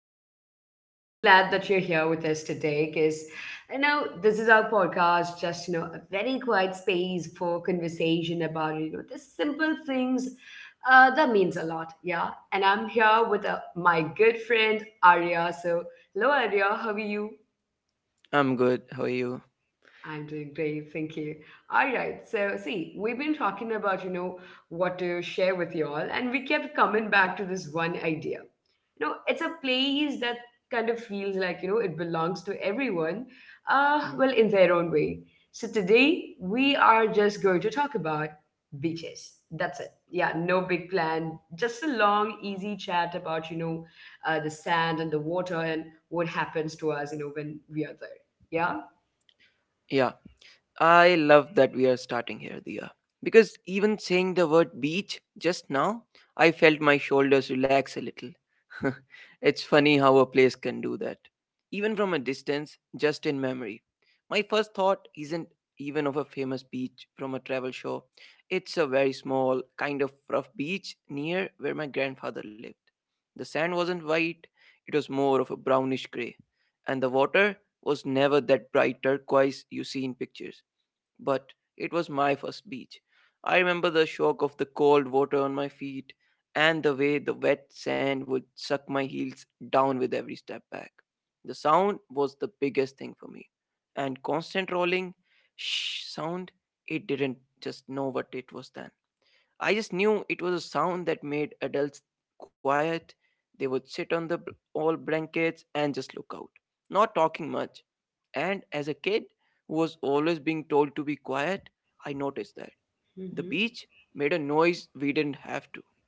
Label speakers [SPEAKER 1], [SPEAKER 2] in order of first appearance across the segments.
[SPEAKER 1] See, I'm so glad that you're here with us today because I know this is our podcast, just a very quiet space for conversation about the simple things that means a lot. Yeah, and I'm here with my good friend Arya. So, hello Arya, how are you?
[SPEAKER 2] I'm good. How are you?
[SPEAKER 1] I'm doing great, thank you. All right, so see, we've been talking about, what to share with you all, and we kept coming back to this one idea. It's a place that kind of feels like, it belongs to everyone,
[SPEAKER 2] Mm.
[SPEAKER 1] well, in their own way. So today, we are just going to talk about beaches. That's it. Yeah, no big plan, just a long, easy chat about, the sand and the water and what happens to us, when we are there.
[SPEAKER 2] Yeah, I love that we are starting here, Diya. Because even saying the word beach just now, I felt my shoulders relax a little. It's funny how a place can do that. Even from a distance, just in memory. My first thought isn't even of a famous beach from a travel show. It's a very small, kind of rough beach near where my grandfather lived. The sand wasn't white, it was more of a brownish gray. And the water was never that bright turquoise you see in pictures, but it was my first beach. I remember the shock of the cold water on my feet and the way the wet sand would suck my heels down with every step back. The sound was the biggest thing for me, and constant rolling shh sound, it didn't just know what it was then. I just knew it was a sound that made adults quiet. They would sit on the old blankets and just look out, not talking much. And as a kid who was always being told to be quiet, I noticed that
[SPEAKER 1] Yeah?
[SPEAKER 2] the beach made a noise we didn't have to.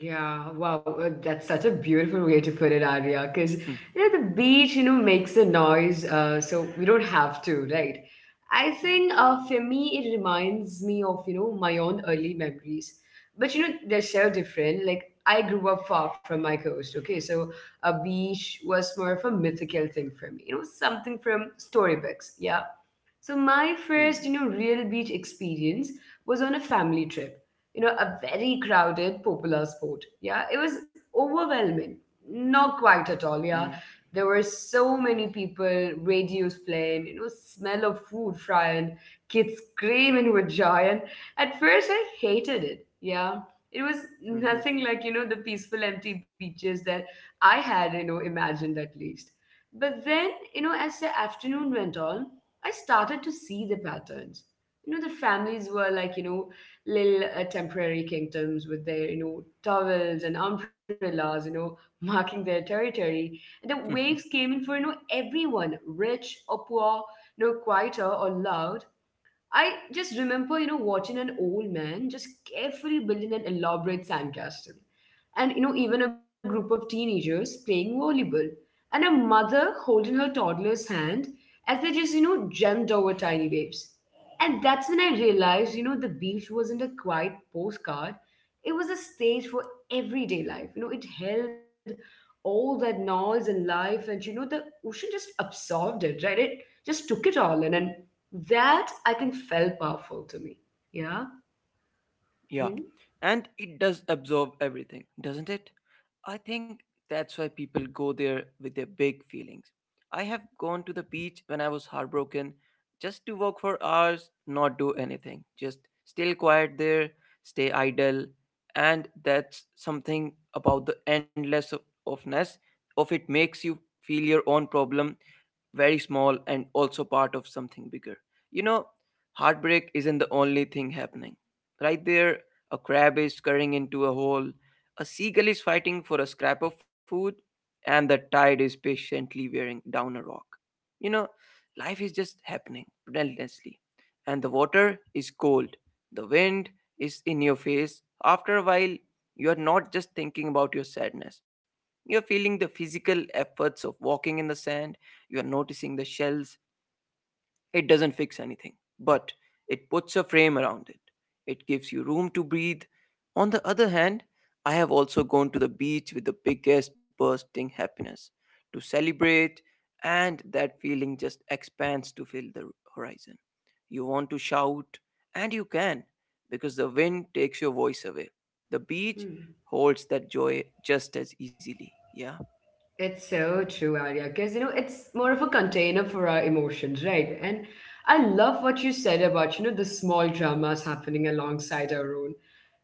[SPEAKER 1] Yeah, wow, that's such a beautiful way to put it, Arya, because
[SPEAKER 2] Hmm.
[SPEAKER 1] the beach, makes a noise, so we don't have to, right? I think
[SPEAKER 2] Yeah.
[SPEAKER 1] for me, it reminds me of, my own early memories. But they're so different. Like I grew up far from my coast, okay? So a beach was more of a mythical thing for me, something from storybooks, yeah. So my first,
[SPEAKER 2] Hmm,
[SPEAKER 1] real beach experience was on a family trip. A very crowded popular spot. Yeah, it was overwhelming. Not quite at all.
[SPEAKER 2] hmm,
[SPEAKER 1] Yeah, there were so many people, radios playing, smell of food frying, kids screaming with joy. And at first, I hated it. Yeah, it was
[SPEAKER 2] hmm, hmm.
[SPEAKER 1] nothing like the peaceful empty beaches that I had imagined at least. But then, as the afternoon went on, I started to see the patterns. The families were like, little temporary kingdoms with their, towels and umbrellas, marking their territory. And the waves came in for, everyone, rich or poor, quieter or loud. I just remember, watching an old man just carefully building an elaborate sandcastle, and even a group of teenagers playing volleyball, and a mother holding her toddler's hand as they just jumped over tiny waves. And that's when I realized, the beach wasn't a quiet postcard. It was a stage for everyday life. You know it held all that noise and life, and the ocean just absorbed it, right? It just took it all in, and that, I think, felt powerful to me. Yeah.
[SPEAKER 2] Yeah.
[SPEAKER 1] Mhm.
[SPEAKER 2] And it does absorb everything, doesn't it? I think that's why people go there with their big feelings. I have gone to the beach when I was heartbroken just to walk for hours, not do anything, just still quiet there, stay idle. And that's something about the endless ofness of it makes you feel your own problem very small and also part of something bigger. You know, heartbreak isn't the only thing happening. Right there, a crab is scurrying into a hole, a seagull is fighting for a scrap of food, and the tide is patiently wearing down a rock. You know, life is just happening relentlessly, and the water is cold, the wind is in your face. After a while, you are not just thinking about your sadness, you're feeling the physical efforts of walking in the sand, you're noticing the shells. It doesn't fix anything, but it puts a frame around it. It gives you room to breathe. On the other hand, I have also gone to the beach with the biggest bursting happiness to celebrate, and that feeling just expands to fill the horizon. You want to shout, and you can, because the wind takes your voice away. The beach
[SPEAKER 1] Hmm.
[SPEAKER 2] holds that joy just as easily. Yeah.
[SPEAKER 1] It's so true, Arya, because it's more of a container for our emotions, right? And I love what you said about the small dramas happening alongside our own.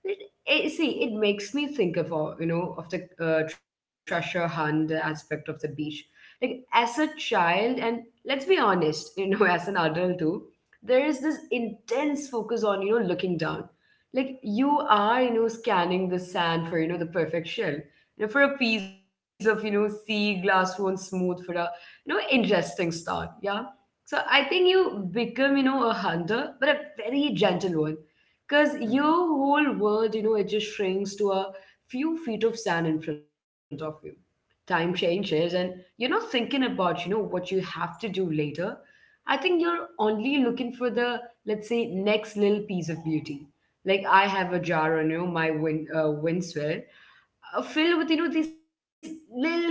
[SPEAKER 1] It, see, it makes me think of all of the treasure hunt aspect of the beach. Like as a child, and let's be honest, as an adult too, there is this intense focus on looking down, like you are scanning the sand for the perfect shell, for a piece of, sea glass woven smooth for a, interesting start. Yeah. So I think you become, a hunter, but a very gentle one. Because your
[SPEAKER 2] Mm.
[SPEAKER 1] whole world, it just shrinks to a few feet of sand in front of you. Time changes and you're not thinking about, what you have to do later. I think you're only looking for the, let's say, next little piece of beauty. Like I have a jar on my windswear filled with these little finds,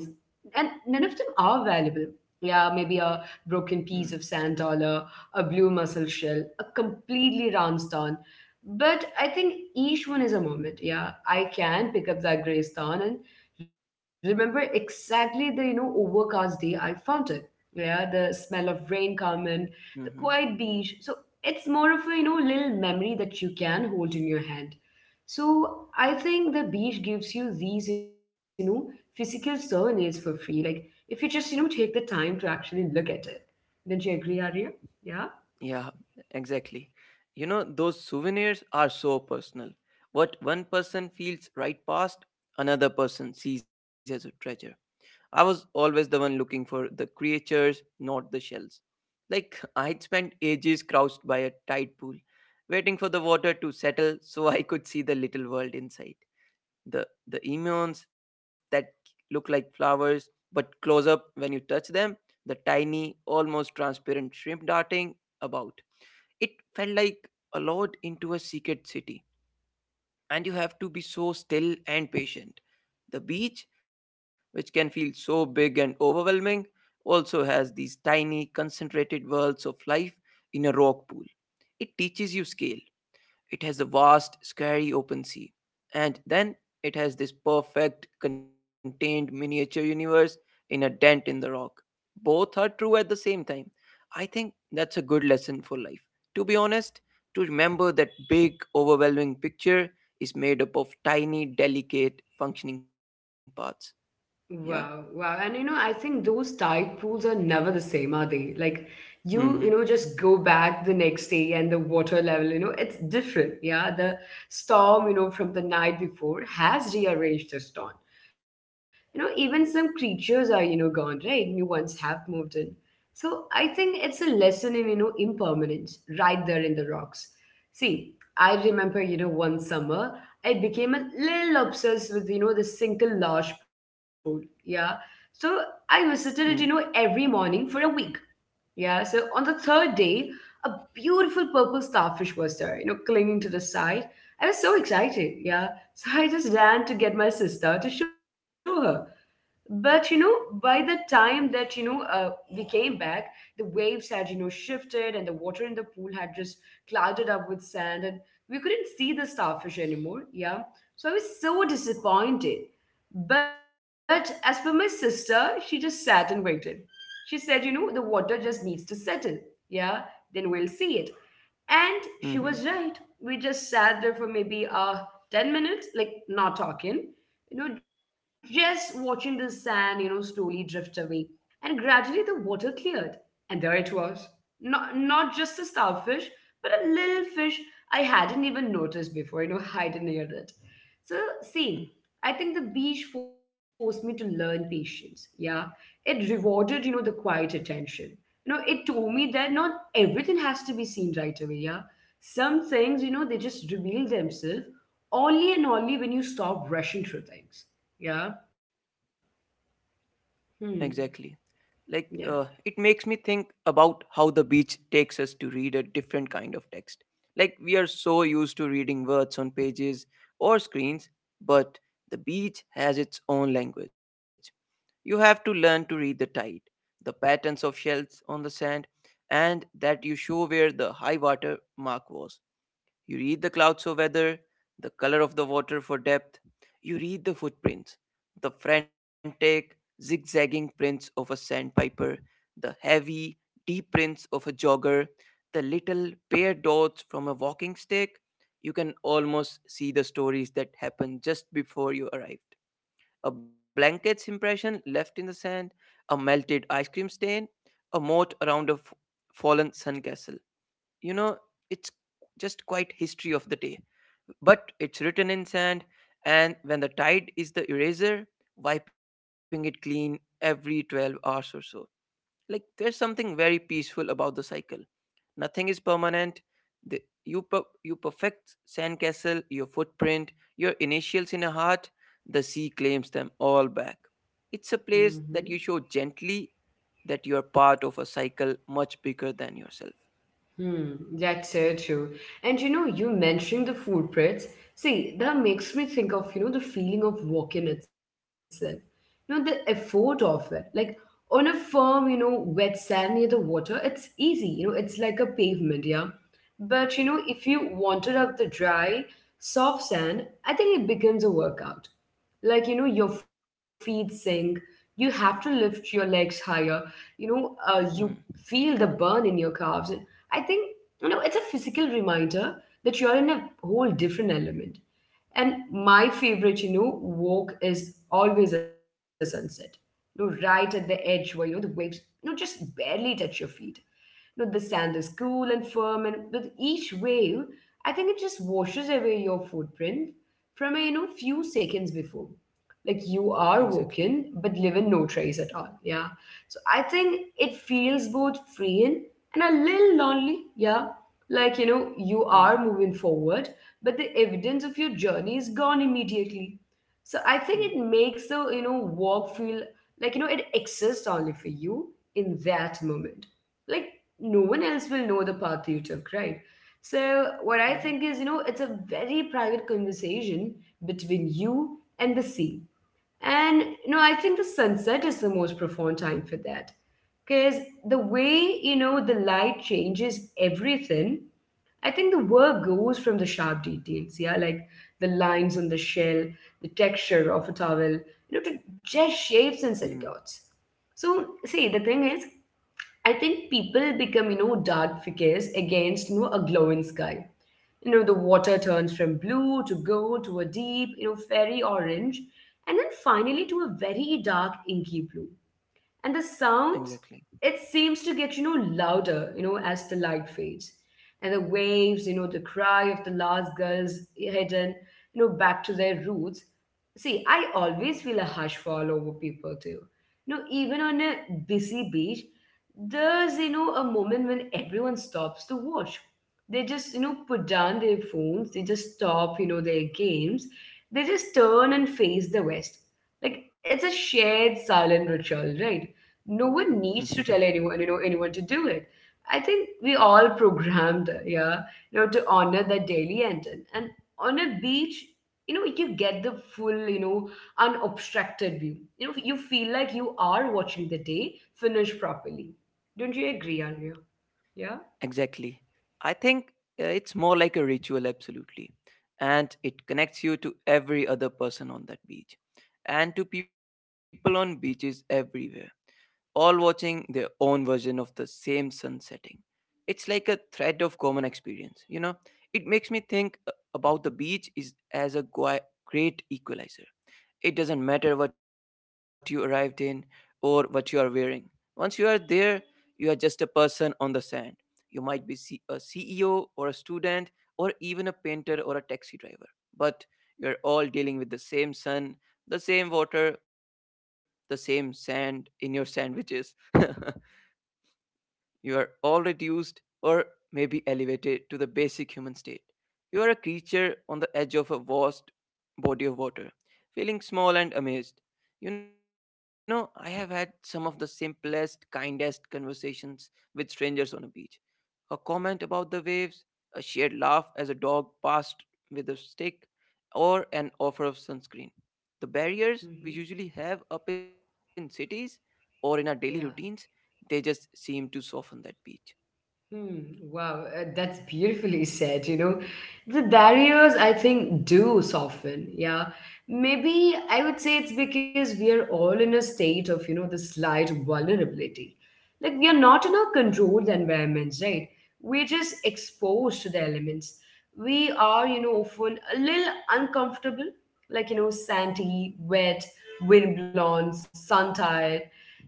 [SPEAKER 1] and none of them are valuable. Yeah, maybe a broken piece of
[SPEAKER 2] Mm.
[SPEAKER 1] sand dollar, a blue mussel shell, a completely round stone. But I think each one is a moment. Yeah, I can pick up that gray stone and remember exactly the, overcast day I found it. Yeah, the smell of rain coming, the
[SPEAKER 2] Mhm.
[SPEAKER 1] quiet beach. So it's more of a, little memory that you can hold in your hand. So I think the beach gives you these, physical souvenirs for free. Like if you just, take the time to actually look at it. Don't you agree, Arya? Yeah.
[SPEAKER 2] Yeah, exactly. You know, those souvenirs are so personal. What one person feels right past, another person sees as a treasure. I was always the one looking for the creatures, not the shells. Like, I'd spent ages crouched by a tide pool, waiting for the water to settle so I could see the little world inside. The emions that look like flowers, but close up when you touch them, the tiny almost transparent shrimp darting about. It felt like a lot into a secret city, and you have to be so still and patient. The beach, which can feel so big and overwhelming, also has these tiny concentrated worlds of life in a rock pool. It teaches you scale. It has the vast, scary open sea. And then it has this perfect, contained miniature universe in a dent in the rock. Both are true at the same time. I think that's a good lesson for life. To be honest, to remember that big, overwhelming picture is made up of tiny, delicate, functioning parts. Yeah.
[SPEAKER 1] Wow, wow. And I think those tide pools are never the same, are they? Like you
[SPEAKER 2] Mm-hmm.
[SPEAKER 1] just go back the next day and the water level, it's different. Yeah. The storm, from the night before has rearranged the stone. Even some creatures are, gone, right? New ones have moved in. So I think it's a lesson in, impermanence right there in the rocks. See, I remember, one summer I became a little obsessed with, this single large pool. Yeah. So I
[SPEAKER 2] Mm-hmm.
[SPEAKER 1] visited it, every morning for a week. Yeah. So on the third day, a beautiful purple starfish was there, clinging to the side. I was so excited. Yeah. So I just ran to get my sister to show her. But by the time that we came back, the waves had, shifted, and the water in the pool had just clouded up with sand, and we couldn't see the starfish anymore. Yeah, so I was so disappointed. But as for my sister, she just sat and waited. She said, the water just needs to settle. Yeah, then we'll see it. And she
[SPEAKER 2] Mm-hmm.
[SPEAKER 1] was right. We just sat there for maybe 10 minutes, like not talking, just watching the sand, slowly drift away. And gradually the water cleared. And there it was. Not just a starfish, but a little fish I hadn't even noticed before, hiding near it. So see, I think the beach forced me to learn patience. Yeah. It rewarded, the quiet attention. You know, it told me that not everything has to be seen right away. Yeah. Some things, they just reveal themselves only and only when you stop rushing through things. Yeah. Hmm.
[SPEAKER 2] Exactly.
[SPEAKER 1] Yeah.
[SPEAKER 2] It makes me think about how the beach takes us to read a different kind of text, like we are so used to reading words on pages or screens, but the beach has its own language. You have to learn to read the tide, the patterns of shells on the sand, and that you show where the high water mark was. You read the clouds for weather, the color of the water for depth. You read the footprints, the frantic, zigzagging prints of a sandpiper, the heavy, deep prints of a jogger, the little bare dots from a walking stick. You can almost see the stories that happened just before you arrived. A blanket's impression left in the sand, a melted ice cream stain, a moat around a fallen sun castle. You know, it's just quite history of the day, but it's written in sand. And when the tide is the eraser, wiping it clean every 12 hours or so, like there's something very peaceful about the cycle. Nothing is permanent. the, you perfect sandcastle, your footprint, your initials in a heart, the sea claims them all back. It's a
[SPEAKER 1] Hmm.
[SPEAKER 2] place that you show gently, that you are part of a cycle much bigger than yourself.
[SPEAKER 1] Hmm, that's so true. And you mentioning the footprints. See, that makes me think of, the feeling of walking itself. The effort of it. Like on a firm, wet sand near the water, it's easy. It's like a pavement, yeah. But, if you wanted up the dry, soft sand, I think it becomes a workout. Like, your feet sink, you have to lift your legs higher, you
[SPEAKER 2] Mm.
[SPEAKER 1] feel the burn in your calves. I think, it's a physical reminder that you're in a whole different element. And my favorite, walk is always a sunset. Right at the edge where, the waves, just barely touch your feet. The sand is cool and firm, and with each wave, I think it just washes away your footprint from a, few seconds before. Like you are
[SPEAKER 2] Exactly.
[SPEAKER 1] walking, but leaving no trace at all. Yeah. So I think it feels both freeing and a little lonely. Yeah. Like, you are
[SPEAKER 2] Mm.
[SPEAKER 1] moving forward, but the evidence of your journey is gone immediately. So I think
[SPEAKER 2] Mm.
[SPEAKER 1] it makes the, walk feel like, it exists only for you in that moment. Like no one else will know the path you took, right? So what I
[SPEAKER 2] Mm.
[SPEAKER 1] think is, it's a very private conversation between you and the sea. And, I think the sunset is the most profound time for that, because the way, the light changes everything. I think the work goes from the sharp details, yeah, like the lines on the shell, the texture of a towel, to just shapes and
[SPEAKER 2] Mm.
[SPEAKER 1] silhouettes. So, see, the thing is, I think people become, dark figures against, a glowing sky. You know, the water turns from blue to gold to a deep, fairy orange, and then finally to a very dark, inky blue and the sounds,
[SPEAKER 2] Exactly.
[SPEAKER 1] it seems to get louder as the light fades, and the waves, the cry of the last girls hidden, back to their roots. See, I always feel a hush fall over people too, even on a busy beach. There's, a moment when everyone stops to watch. They just, put down their phones, they just stop, their games, they just turn and face the west, like it's a shared silent ritual, right? No one needs to
[SPEAKER 2] Mhm.
[SPEAKER 1] tell anyone, anyone to do it. I think we all programmed, yeah, to honor the daily intent. And on a beach, you get the full, unobstructed view. You feel like you are watching the day finish properly. Don't you agree, Arya? Yeah.
[SPEAKER 2] Exactly. I think it's more like a ritual, absolutely. And it connects you to every other person on that beach, and to people on beaches everywhere, all watching their own version of the same sun setting. It's like a thread of common experience, you know? It makes me think about the beach is as a great equalizer. It doesn't matter what you arrived in or what you are wearing. Once you are there, you are just a person on the sand. You might be a CEO or a student or even a painter or a taxi driver, but you're all dealing with the same sun, the same water, the same sand in your sandwiches. You are all reduced or maybe elevated to the basic human state. You are a creature on the edge of a vast body of water, feeling small and amazed. You know, I have had some of the simplest, kindest conversations with strangers on a beach, a comment about the waves, a shared laugh as a dog passed with a stick, or an offer of sunscreen. The barriers we
[SPEAKER 1] Hmm.
[SPEAKER 2] usually have up in cities or in our daily routines,
[SPEAKER 1] Yeah.
[SPEAKER 2] they just seem to soften that beach.
[SPEAKER 1] Hmm, wow, that's beautifully said. The barriers, I think, do soften. Yeah. Maybe I would say it's because we are all in a state of, this slight vulnerability. Like, we are not in
[SPEAKER 2] Mm.
[SPEAKER 1] our controlled environments, right? We're just exposed to the elements. We are, often a little uncomfortable, like, sandy, wet, windblown, sun,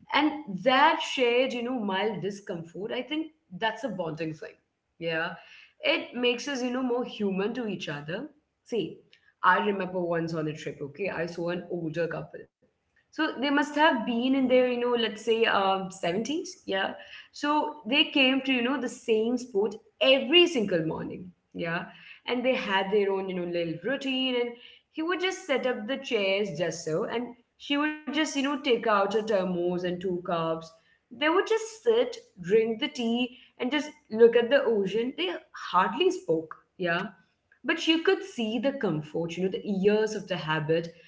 [SPEAKER 1] and that shared, mild discomfort, I think that's a bonding thing. Yeah, it makes us, more human to each other. See, I remember once on a trip, okay, I saw an older couple. So they must have been in their, let's say 70s, yeah. So they came to, the same spot every single morning, yeah. And they had their own, little routine. And he would just set up the chairs just so. And she would just, take out her thermos and two cups. They would just sit, drink the tea, and just look at the ocean. They hardly spoke, yeah. But you could see the comfort, the years of the habit.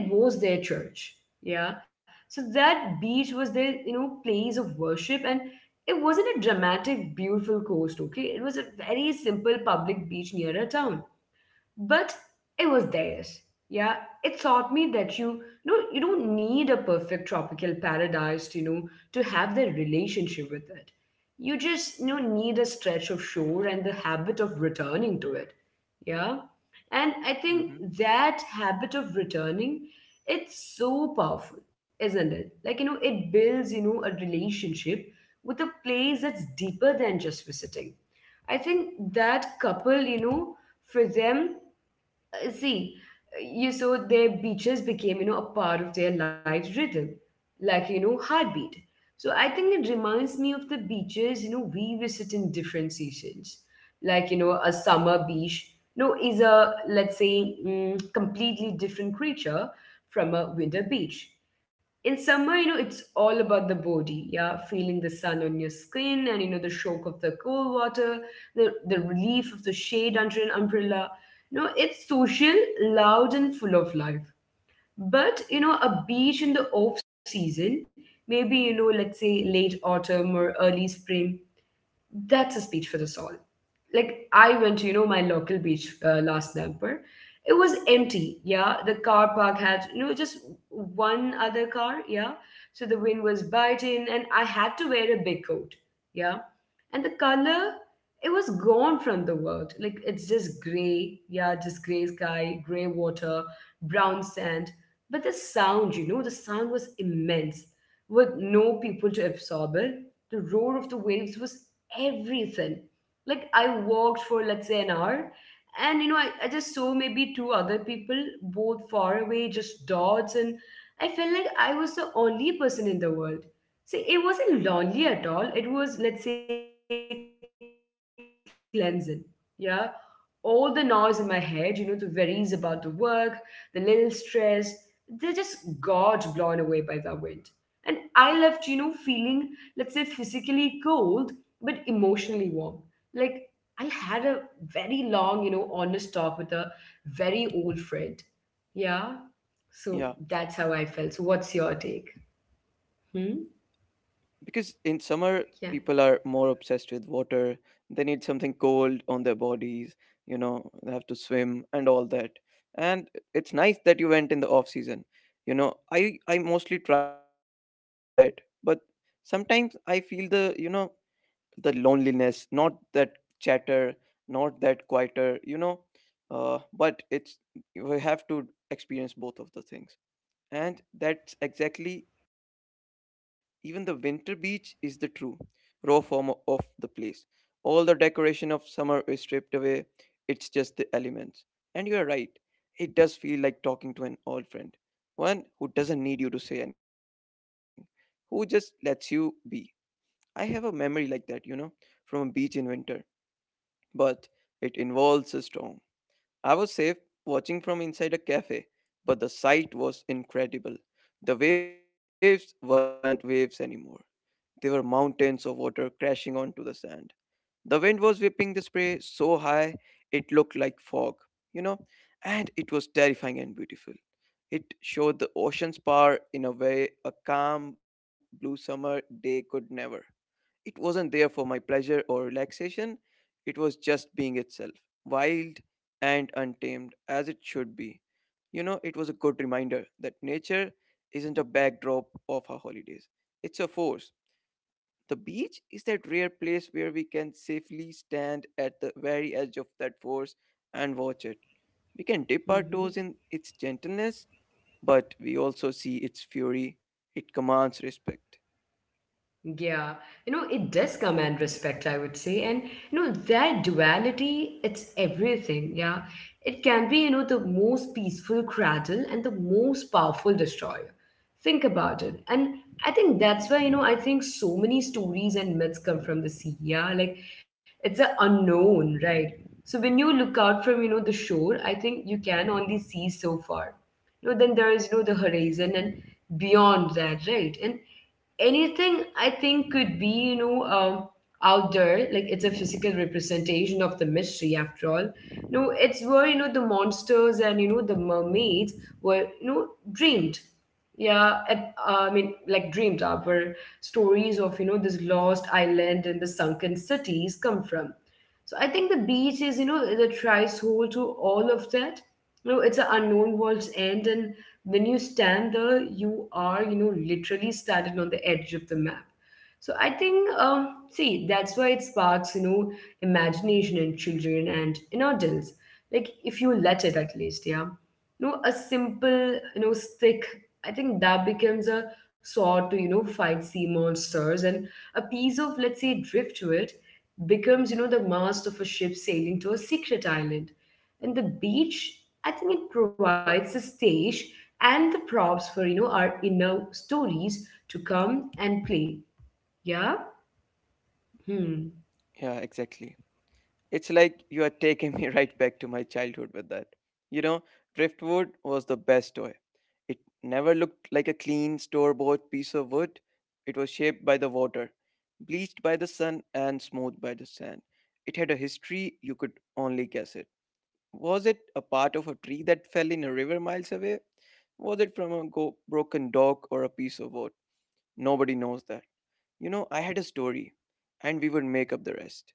[SPEAKER 1] It was their church, yeah. So that beach was their, place of worship. And it wasn't a dramatic, beautiful coast, okay? It was a very simple public beach near a town, but it was theirs. Yeah, it taught me that you know you don't need a perfect tropical paradise to, to have the relationship with it. You just, need a stretch of shore and the habit of returning to it. Yeah, and I think
[SPEAKER 2] Mm-hmm.
[SPEAKER 1] that habit of returning, it's so powerful, isn't it? Like, it builds, a relationship with a place that's deeper than just visiting. I think that couple, for them, uh, see, you saw their beaches became, a part of their life rhythm, like, heartbeat. So I think it reminds me of the beaches, we visit in different seasons. Like, a summer beach, is a, let's say, mm, completely different creature from a winter beach. In summer, it's all about the body, yeah, feeling the sun on your skin and, the shock of the cold water, the relief of the shade under an umbrella. No, it's social, loud, and full of life. But, a beach in the off season, maybe, let's say late autumn or early spring, that's a speech for the soul. Like, I went to, my local beach last November. It was empty. Yeah, the car park had, just one other car. Yeah, so the wind was biting, and I had to wear a big coat. Yeah, and the color, it was gone from the world. Like it's just gray. Yeah, just gray sky, gray water, brown sand. But the sound, the sound was immense. With no people to absorb it, the roar of the waves was everything. Like, I walked for, let's say, an hour, and I just saw maybe two other people, both far away, just dots. And I felt like I was the only person in the world. See, it wasn't lonely at all, it was, let's say, cleansing. Yeah, all the noise in my head, the worries about the work, the little stress, they just got blown away by the wind. And I left, feeling, let's say, physically cold, but emotionally warm. Like, I had a very long, honest talk with a very old friend. Yeah. So that's how I felt. So, what's your
[SPEAKER 2] Yeah.
[SPEAKER 1] take? Hmm?
[SPEAKER 2] Because in summer,
[SPEAKER 1] Yeah.
[SPEAKER 2] people are more obsessed with water. They need something cold on their bodies, you know, they have to swim and all that. And it's nice that you went in the off season. You know, I mostly try that, but sometimes I feel the, you know, the loneliness, not that chatter, not that quieter, you know. But it's we have to experience both of the things. And that's exactly even the winter beach is the true raw form of the place. All the decoration of summer is stripped away. It's just the elements. And you are right. It does feel like talking to an old friend. One who doesn't need you to say anything. Who just lets you be. I have a memory like that, you know, from a beach in winter. But it involves a storm. I was safe watching from inside a cafe, but the sight was incredible. The waves weren't waves anymore. They were mountains of water crashing onto the sand. The wind was whipping the spray so high it looked like fog, you know, and it was terrifying and beautiful. It showed the ocean's power in a way a calm blue summer day could never. It wasn't there for my pleasure or relaxation, it was just being itself, wild and untamed, as it should be. You know, it was a good reminder that nature isn't a backdrop of our holidays, it's a force. The beach is that rare place where we can safely stand at the very edge of that force and watch it. We can dip our
[SPEAKER 1] Hmm.
[SPEAKER 2] toes in its gentleness, but we also see its fury. It commands respect.
[SPEAKER 1] Yeah, it does command
[SPEAKER 2] Yeah.
[SPEAKER 1] respect, I would say. And, that duality, it's everything. Yeah. It can be, the most peaceful cradle and the most powerful destroyer. Think about it. And I think
[SPEAKER 2] Mm.
[SPEAKER 1] that's why, I think so many stories and myths come from the sea. Yeah. Like it's an unknown, right? So when you look out from, the shore, I think you can only see so far. Then there is, the horizon and beyond that, right? And anything I think could be, out there. Like it's a physical representation of the mystery, after all. No, it's where, the monsters and, the mermaids were, dreamed. Yeah, I mean, like dreamed up, where stories of, this lost island and the sunken cities come from. So I think the beach is, the threshold to all of that. It's an unknown world's end. And when you stand there, you are, literally standing on the edge of the map. So I think, see that's why it sparks, imagination in children and in adults, like, if you let it, at least. Yeah, a simple, stick, I think that becomes a sword to, fight sea monsters. And a piece of, let's say, driftwood, becomes, the mast of a ship sailing to a secret island. And the beach, I think, it provides a stage and the props for, our inner stories to come and play. Yeah. Hmm.
[SPEAKER 2] Yeah, exactly. It's like you are taking me right back to my childhood with that. You know, driftwood was the best toy. It never looked like a clean store bought piece of wood. It was shaped by the water, bleached by the sun, and smoothed by the sand. It had a history you could only guess it. Was it a part of a tree that fell in a river miles away? Was it from a broken dock or a piece of wood? Nobody knows that. You know, I had a story, and we would make up the rest.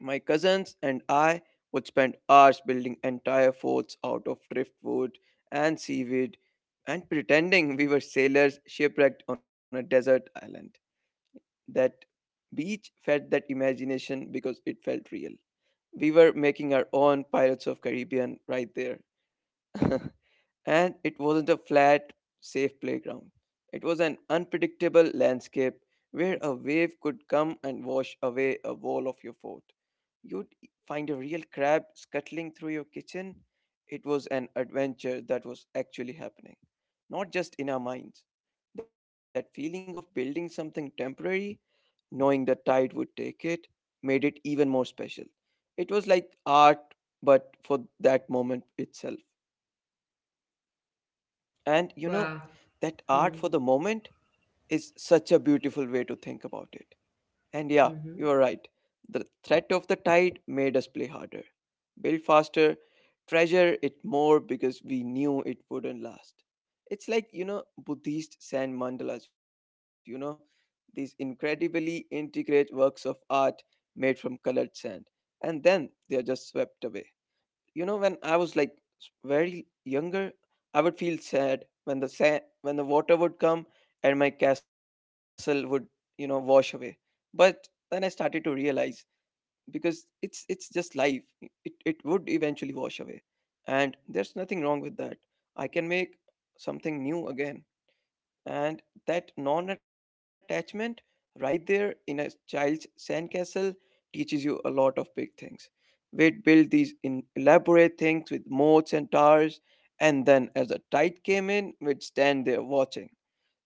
[SPEAKER 2] My cousins and I would spend hours building entire forts out of driftwood and seaweed, and pretending we were sailors shipwrecked on a desert island. That beach fed that imagination because it felt real. We were making our own Pirates of Caribbean right there. And it wasn't a flat, safe playground. It was an unpredictable landscape where a wave could come and wash away a wall of your fort. You'd find a real crab scuttling through your kitchen. It was an adventure that was actually happening, not just in our minds. That feeling of building something temporary, knowing the tide would take it, made it even more special. It was like art, but for that moment itself. And
[SPEAKER 1] Wow.
[SPEAKER 2] that art for the
[SPEAKER 1] Hmm.
[SPEAKER 2] moment is such a beautiful way to think about it. And yeah, you
[SPEAKER 1] Hmm.
[SPEAKER 2] are right. The threat of the tide made us play harder, build faster, treasure it more because we knew it wouldn't last. It's like, Buddhist sand mandalas, these incredibly intricate works of art made from colored sand. And then they are just swept away. When I was like s- very younger, I would feel sad when when the water would come and my castle would wash away. But then I started to realize, because it's just life, it would eventually wash away, and there's nothing wrong with that. I can make something new again. And that non attachment right there in a child's sandcastle teaches you a lot of big things. We'd build these in elaborate things with moats and towers, and then as the tide came in, we'd stand there watching.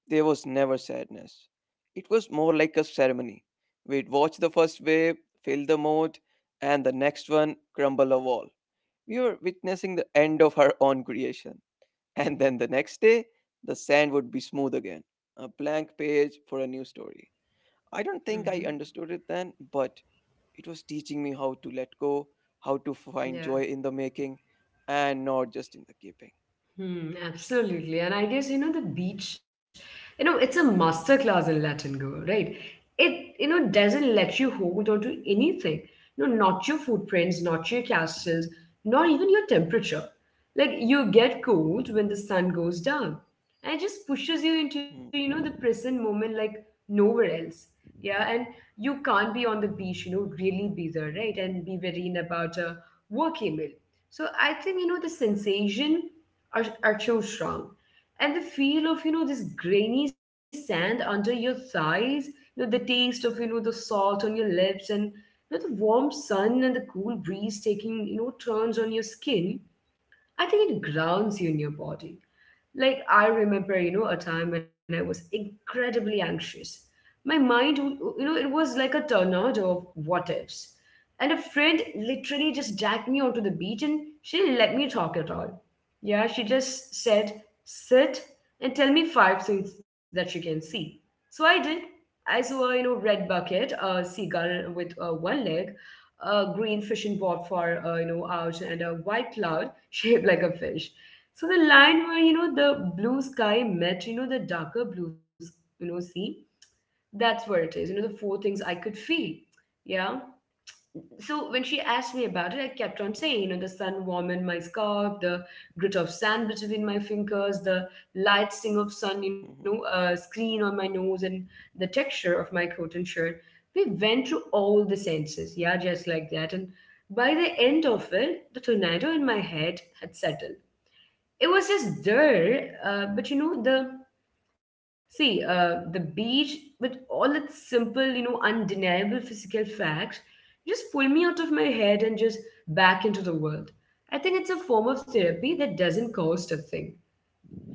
[SPEAKER 2] There was never sadness. It was more like a ceremony. We'd watch the first wave, fill the moat, and the next one crumble a wall. We were witnessing the end of our own creation. And then the next day, the sand would be smooth again, a blank page for a new story. I don't think I
[SPEAKER 1] Hmm.
[SPEAKER 2] understood it then, but it was teaching me how to let go, how to find joy
[SPEAKER 1] Yeah.
[SPEAKER 2] in the making, and not just in the keeping.
[SPEAKER 1] Hmm, absolutely. And I guess, the beach, it's a master class in Latin go, right? It, doesn't let you hold on to anything. No, not your footprints, not your castles, not even your temperature. Like, you get cold when the sun goes down. And it just pushes you into, the
[SPEAKER 2] Mm.
[SPEAKER 1] present moment like nowhere else. Yeah, and you can't be on the beach, really be there, right? And be worrying about a work email. So I think, the sensation are so strong. And the feel of, this grainy sand under your thighs, the taste of, the salt on your lips, and, the warm sun and the cool breeze taking, turns on your skin, I think it grounds you in your body. Like, I remember, a time when I was incredibly anxious. My mind, it was like a tornado of what ifs. And a friend literally just dragged me onto the beach, and she didn't let me talk at all. Yeah, she just said, sit and tell me five things that you can see. So I did. I saw a, red bucket, a seagull with one leg, a green fishing board for, out, and a white cloud shaped like a fish. So the line where, the blue sky met, the darker blue, sea, that's where it is, the four things I could feel. Yeah. So when she asked me about it, I kept on saying, the sun warm in my scalp, the grit of sand between my fingers, the light sting of sun,
[SPEAKER 2] Mhm.
[SPEAKER 1] screen on my nose, and the texture of my coat and shirt. We went through all the senses, yeah, just like that. And by the end of it, the tornado in my head had settled. It was just there, but, the beach, with all its simple, undeniable physical facts, just pulled me out of my head and just back into the world. I think it's a form of therapy that doesn't cost a thing,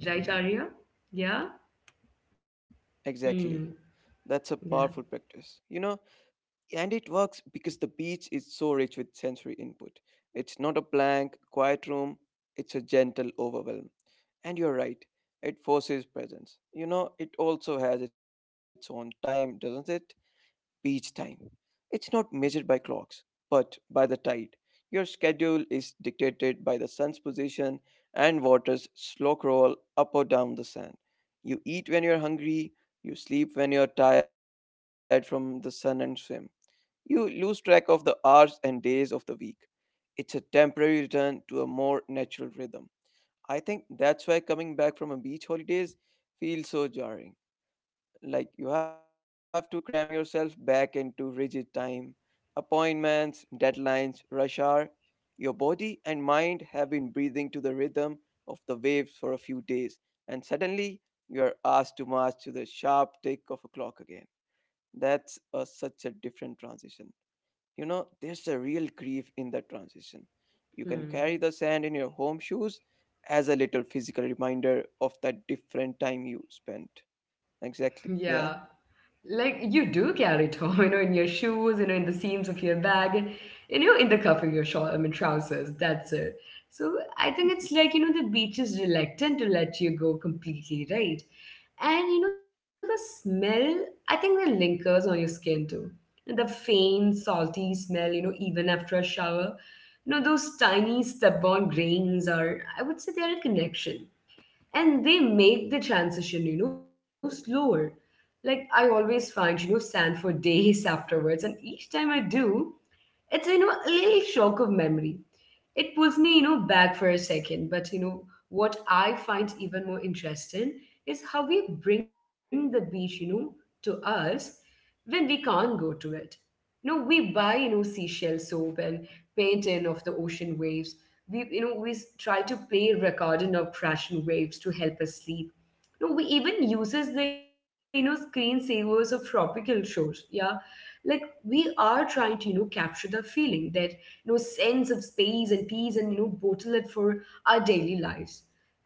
[SPEAKER 1] right, Arya? Yeah. Hmm.
[SPEAKER 2] Exactly. That's
[SPEAKER 1] Yeah.
[SPEAKER 2] a powerful practice. And it works because the beach is so rich with sensory input. It's not a blank, quiet room, it's a gentle overwhelm. And you're right, it forces presence. It also has its own time, doesn't it? Beach time. It's not measured by clocks, but by the tide. Your schedule is dictated by the sun's position and water's slow crawl up or down the sand. You eat when you're hungry, you sleep when you're tired from the sun and swim. You lose track of the hours and days of the week. It's a temporary return to a more natural rhythm. I think that's why coming back from a beach holidays feels so jarring. Like you have to cram yourself back into rigid time, appointments, deadlines, rush hour. Your body and mind have been breathing to the rhythm of the waves for a few days, and suddenly you are asked to march to the sharp tick of a clock again. That's such a different transition. There's a real grief in that transition. You can carry the
[SPEAKER 1] Hmm.
[SPEAKER 2] sand in your home shoes as a little physical reminder of that different time you spent. Exactly.
[SPEAKER 1] Yeah.
[SPEAKER 2] Yeah.
[SPEAKER 1] Like, you do carry it home, in your shoes, in the seams of your bag, and, in the cuff of your short, I mean, trousers. That's it. So I think it's like, the beach is reluctant to let you go completely, right? And, the smell, I think that lingers on your skin too. The faint, salty smell, even after a shower. Those tiny stubborn grains are. I would say they are a connection, and they make the transition slower. Like I always find sand for days afterwards, and each time I do, it's a little shock of memory. It pulls me back for a second. But what I find even more interesting is how we bring the beach to us when we can't go to it. No, we buy seashell soap and painting of the ocean waves. We you know we s- try to play recording of crashing waves to help us sleep. No, we even uses the screensavers of tropical shores, yeah. Like we are trying to capture the feeling, that sense of space and peace, and bottle it for our daily lives.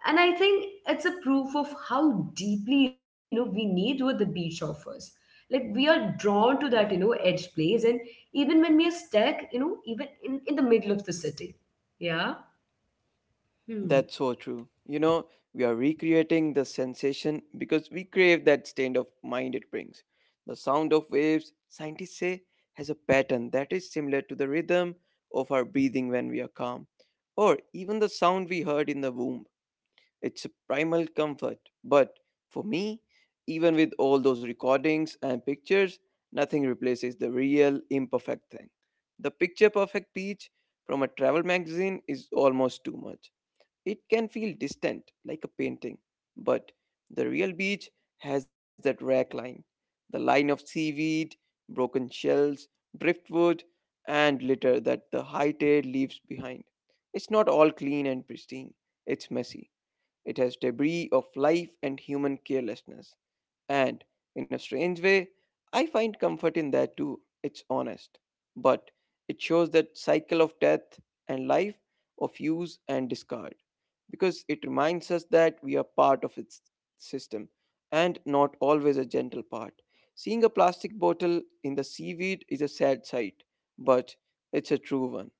[SPEAKER 1] And I think it's a proof of how deeply we need what the beach offers. Like we are drawn to that
[SPEAKER 2] Yeah.
[SPEAKER 1] edge place, and even when we are stuck, even in the middle of the city, yeah. hmm.
[SPEAKER 2] That's so true. We are recreating the sensation because we crave that state of mind it brings. The sound of waves, scientists say, has a pattern that is similar to the rhythm of our breathing when we are calm, or even the sound we heard in the womb. It's a primal comfort. But for me, even with all those recordings and pictures, nothing replaces the real imperfect thing. The picture perfect peach from a travel magazine is almost too much. It can feel distant, like a painting. But the real beach has that rack line, the line of seaweed, broken shells, driftwood, and litter that the high tide leaves behind. It's not all clean and pristine, it's messy. It has debris of life and human carelessness. And, in a strange way, I find comfort in that too. It's honest. But it shows that cycle of death and life, of use and discard. Because it reminds us that we are part of its system and not always a gentle part. Seeing a plastic bottle in the seaweed is a sad sight, but it's a true one.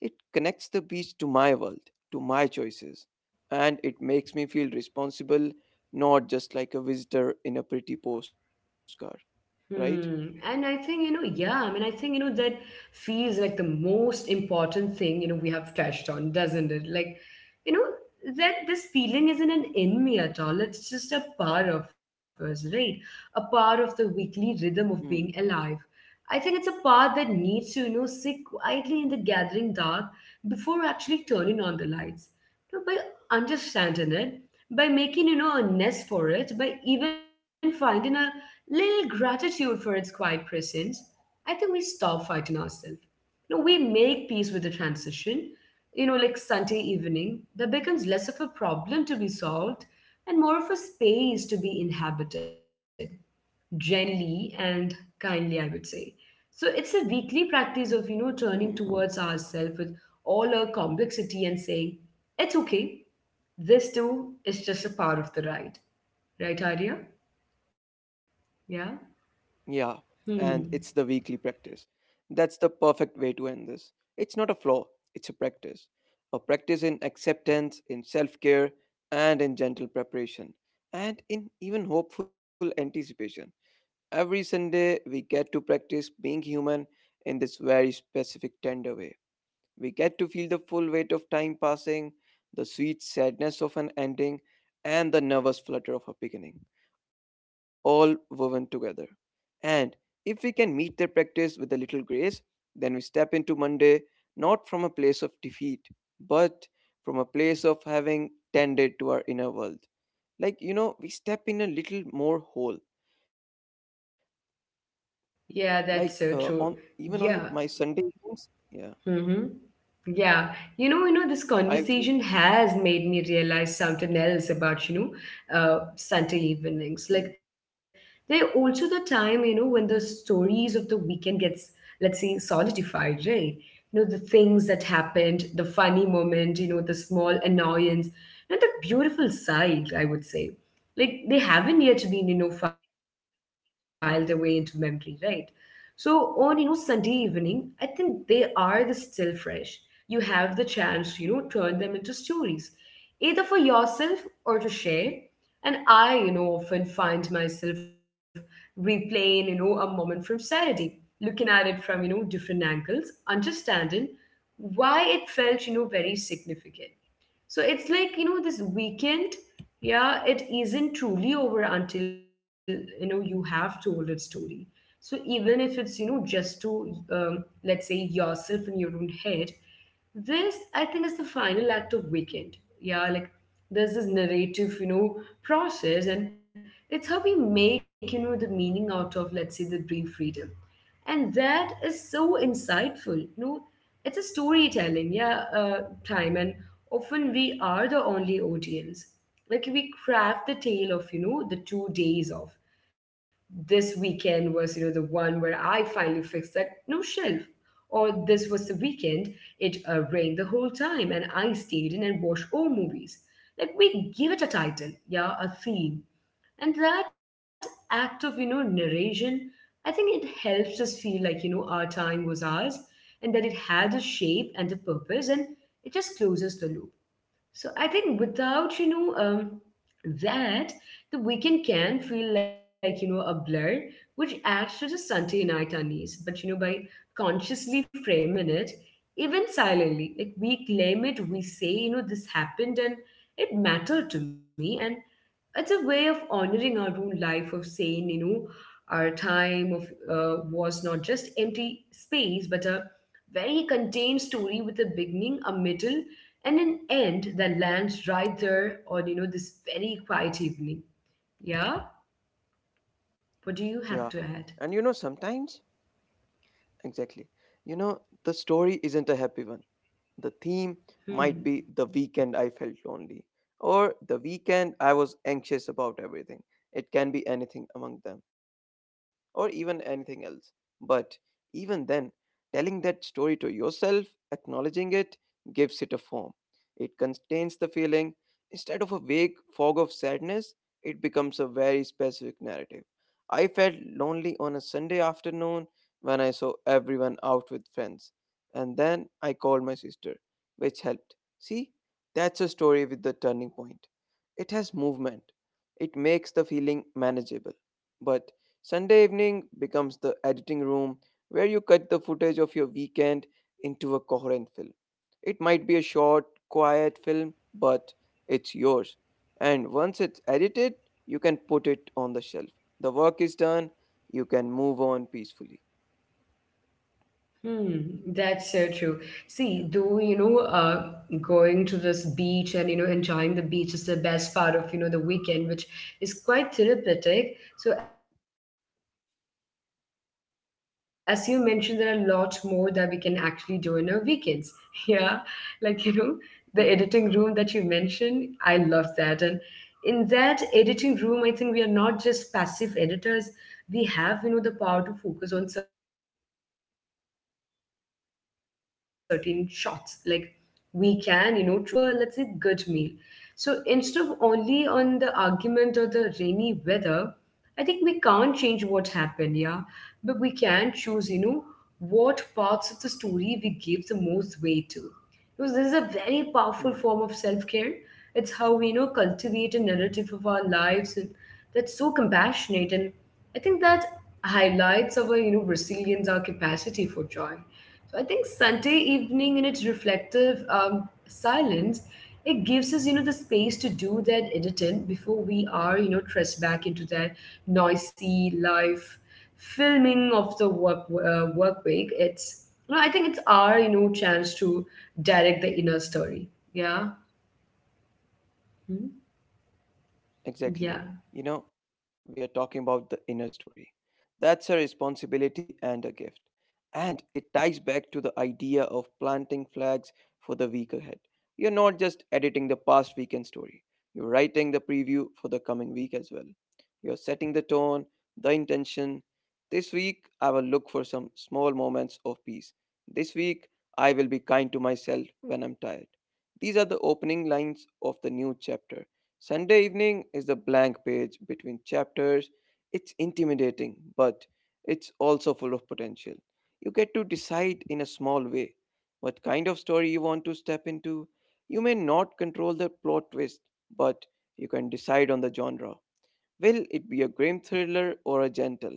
[SPEAKER 2] It connects the beach to my world, to my choices, and it makes me feel responsible, not just like a visitor in a pretty postcard, right?
[SPEAKER 1] Hmm. And I think, yeah, I mean, I think, that feels like the most important thing, we have touched on, doesn't it? Like, that this feeling isn't an enemy at all. It's just a part of us, right? A part of the weekly rhythm of being
[SPEAKER 2] Hmm.
[SPEAKER 1] alive. I think it's a part that needs to, sit quietly in the gathering dark before actually turning on the lights. So by understanding it, by making, a nest for it, by even finding a little gratitude for its quiet presence, I think we stop fighting ourselves. We make peace with the transition, like Sunday evening, that becomes less of a problem to be solved and more of a space to be inhabited, gently and kindly, I would say. So it's a weekly practice of, turning
[SPEAKER 2] Hmm.
[SPEAKER 1] towards ourselves with all our complexity and saying, it's okay. This too is just a part of the ride. Right, Arya? Yeah?
[SPEAKER 2] Yeah, and it's
[SPEAKER 1] Hmm.
[SPEAKER 2] the weekly practice. That's the perfect way to end this. It's not a flaw, it's a practice. A practice in acceptance, in self care, and in gentle preparation, and in even hopeful anticipation. Every Sunday, we get to practice being human in this very specific, tender way. We get to feel the full weight of time passing, the sweet sadness of an ending, and the nervous flutter of a beginning, all woven together. And if we can meet their practice with a little grace, then we step into Monday not from a place of defeat, but from a place of having tended to our inner world. Like, we step in a little more whole, like
[SPEAKER 1] Yeah, that's
[SPEAKER 2] on
[SPEAKER 1] so true.
[SPEAKER 2] even on my
[SPEAKER 1] Yeah.
[SPEAKER 2] Sunday evenings, yeah.
[SPEAKER 1] Mm-hmm. Yeah. This
[SPEAKER 2] I feel.
[SPEAKER 1] conversation has made me realize something else about, Sunday evenings.
[SPEAKER 2] Mm.
[SPEAKER 1] Like they're also the time, when the stories of the weekend gets, let's say, solidified, right? The things that happened, the funny moment, the small annoyance, and the beautiful side, I would say. Like they haven't yet been, filed away into memory, right? So on Sunday evening, I think they are the still fresh. You have the chance to turn them into stories, either for yourself or to share. And I often find myself replaying a moment from Saturday, looking at it from different angles, understanding why it felt very significant. So it's like, this weekend, yeah, it isn't truly over until, you have told its story. So even if it's, just to, let's say, yourself in your own head, this, I think, is the final act of weekend. Yeah, like there's this narrative, process, and it's how we make, the meaning out of, let's say, the brief freedom. And that is so insightful. It's a storytelling, yeah, time. And often we are the only audience. Like we craft the tale of, the 2 days of this weekend was, the one where I finally fixed that new shelf. Or this was the weekend it rained the whole time and I stayed in and watched all movies. Like we give it a title, yeah, a theme. And that act of, narration, I think it helps us feel like, our time was ours, and that it had a shape and a purpose, and it just closes the loop. So I think without, that, the weekend can feel like, a blur, which adds to the Sunday night unease. But, by consciously framing it, even silently, like we claim it, we say, this happened and it mattered to me. And it's a way of honoring our own life, of saying our time of was not just empty space, but a very contained story with a beginning, a middle, and an end that lands right there on this very quiet evening. Yeah. What do you have to
[SPEAKER 2] Yeah,
[SPEAKER 1] add?
[SPEAKER 2] and sometimes, exactly, the story isn't a happy one. The theme
[SPEAKER 1] Hmm.
[SPEAKER 2] might be the weekend I felt lonely or the weekend I was anxious about everything. It can be anything among them or even anything else. But even then, telling that story to yourself, acknowledging it, gives it a form. It contains the feeling. Instead of a vague fog of sadness, it becomes a very specific narrative. I felt lonely on a Sunday afternoon when I saw everyone out with friends. And then I called my sister, which helped. See, that's a story with the turning point. It has movement, it makes the feeling manageable. But Sunday evening becomes the editing room where you cut the footage of your weekend into a coherent film. It might be a short, quiet film, but it's yours. And once it's edited, you can put it on the shelf. The work is done, you can move on peacefully.
[SPEAKER 1] Hmm, that's so true. See,
[SPEAKER 2] Yeah.
[SPEAKER 1] though, going to this beach and, enjoying the beach is the best part of, the weekend, which is quite therapeutic. So, as you mentioned, there are a lot more that we can actually do in our weekends. Yeah. Like, the editing room that you mentioned, I love that. And in
[SPEAKER 2] Hmm.
[SPEAKER 1] that editing room, I think we are not just passive editors. We have, the power to focus on certain shots, like we can, choose to linger on the moment the sun came out or the taste of a, let's say, good meal. So instead of only on the argument or the rainy weather, I think we can't change what happened, yeah, but we can choose, what parts of the story we give the most weight to. Because this is a very powerful form of self care. It's how we, cultivate a narrative of our lives, and that's so compassionate. And I think that highlights our Brazilians our capacity for joy. So I think Sunday evening in its reflective silence, it gives us the space to do that editing before we are thrust back into that noisy life, filming of the work week. It's I think it's our chance to direct the inner story. Yeah. Hmm?
[SPEAKER 2] Exactly.
[SPEAKER 1] Yeah.
[SPEAKER 2] You know, we are talking about the inner story. That's a responsibility and a gift. And it ties back to the idea of planting flags for the week ahead. You're not just editing the past weekend story, you're writing the preview for the coming week as well. You're setting the tone, the intention. This week, I will look for some small moments of peace. This week, I will be kind to myself when I'm tired. These are the opening lines of the new chapter. Sunday evening is the blank page between chapters. It's intimidating, but it's also full of potential. You get to decide in a small way what kind of story you want to step into. You may not control the plot twist, but you can decide on the genre. Will it be a grim thriller or a gentle,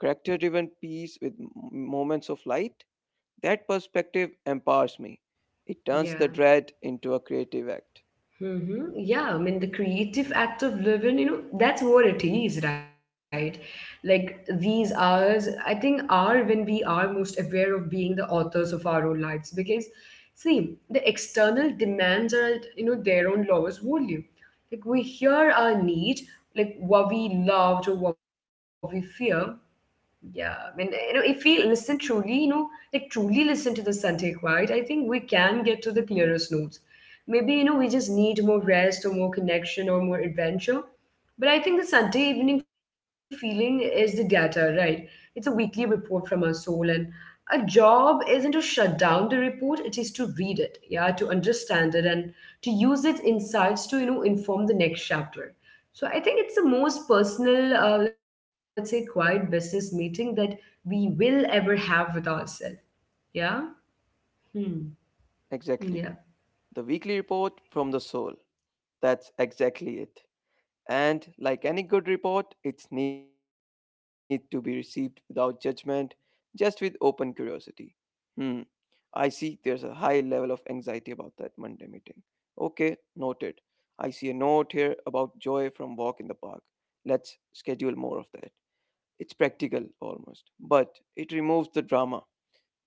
[SPEAKER 2] character driven piece with moments of light? That perspective empowers me. It turns
[SPEAKER 1] Yeah.
[SPEAKER 2] the dread into a creative act.
[SPEAKER 1] Mm-hmm. Yeah, I mean, the creative
[SPEAKER 2] Mm.
[SPEAKER 1] act of living, that's what it is, right? Like these hours, I think, are when we are most aware of being the authors of our own lives. Because, see, the external demands are, at, their own lowest volume. Like we hear our need, like what we loved or what we fear, yeah, I mean, if we listen truly, like truly listen to the Sunday quiet, I think we can get to the clearest
[SPEAKER 2] Mm.
[SPEAKER 1] notes. Maybe, we just need more rest or more connection or more adventure. But I think the Sunday evening feeling is the data, right? It's a weekly report from our soul, and our job isn't to shut down the report, it is to read it, yeah, to understand it and to use its insights to, inform the next chapter. So I think it's the most personal, let's say, quiet business meeting that we will ever have with ourselves. Yeah. Hmm. Yeah.
[SPEAKER 2] Exactly. The weekly report from the soul. That's exactly it. And like any good report, it needs to be received without judgment, just with open curiosity. Hmm. I see there's a high level of anxiety about that Monday meeting. Okay, noted. I see a note here about joy from walk in the park. Let's schedule more of that. It's practical almost, but it removes the drama.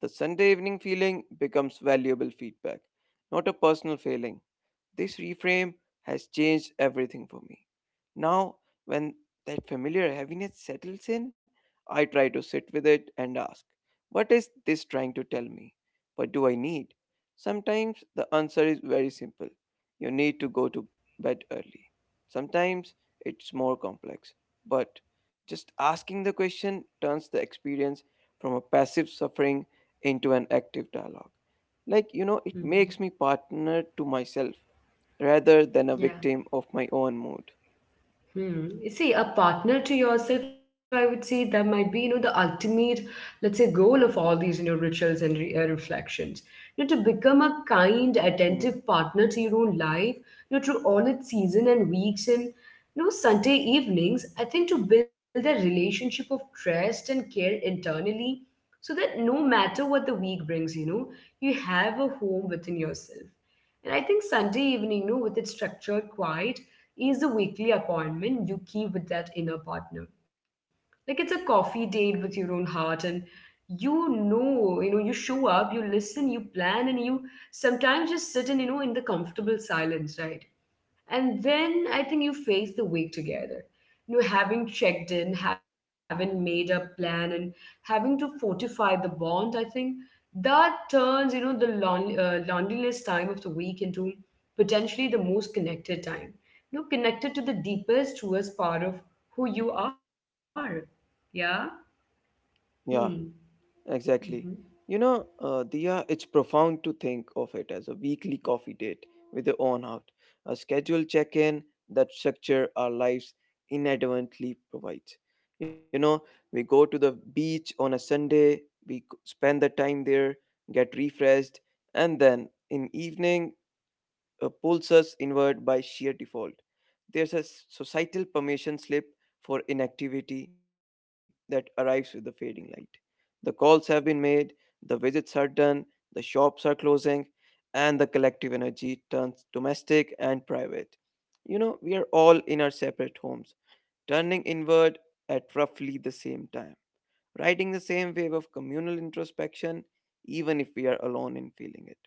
[SPEAKER 2] The Sunday evening feeling becomes valuable feedback, not a personal failing. This reframe has changed everything for me. Now, when that familiar heaviness settles in, I try to sit with it and ask, what is this trying to tell me? What do I need? Sometimes the answer is very simple. You need to go to bed early. Sometimes it's more complex, but just asking the question turns the experience from a passive suffering into an active dialogue. Like, it
[SPEAKER 1] Mhm.
[SPEAKER 2] makes me partner to myself rather than a
[SPEAKER 1] Yeah.
[SPEAKER 2] victim of my own mood.
[SPEAKER 1] Hmm. See, a partner to yourself, I would say that might be, the ultimate, let's say, goal of all these, rituals and reflections. To become a kind,
[SPEAKER 2] Hmm.
[SPEAKER 1] attentive partner to your own life, through all its season and weeks and, Sunday evenings, I think to build a relationship of trust and care internally so that no matter what the week brings, you have a home within yourself. And I think Sunday evening, with its structured, quiet, is the weekly appointment you keep with that inner partner. Like it's a coffee date with your own heart, and you show up, you listen, you plan, and you sometimes just sit in, in the comfortable silence, right? And then I think you face the week together. Having checked in, having made a plan, and having to fortify the bond, I think that turns, the loneliness time of the week into potentially the most connected time. Connected to the deepest, truest part of who you are. Yeah? Hmm.
[SPEAKER 2] Yeah,
[SPEAKER 1] Mm-hmm.
[SPEAKER 2] exactly. Diya, it's profound to think of it as a weekly coffee date with your own heart, a scheduled check in that structure our lives inadvertently provides. You know, we go to the beach on a Sunday, we spend the time there, get refreshed, and then in evening pulls us inward by sheer default. There's a societal permission slip for inactivity that arrives with the fading light. The calls have been made, the visits are done, the shops are closing, and the collective energy turns domestic and private. We are all in our separate homes, turning inward at roughly the same time, riding the same wave of communal introspection, even if we are alone in feeling it.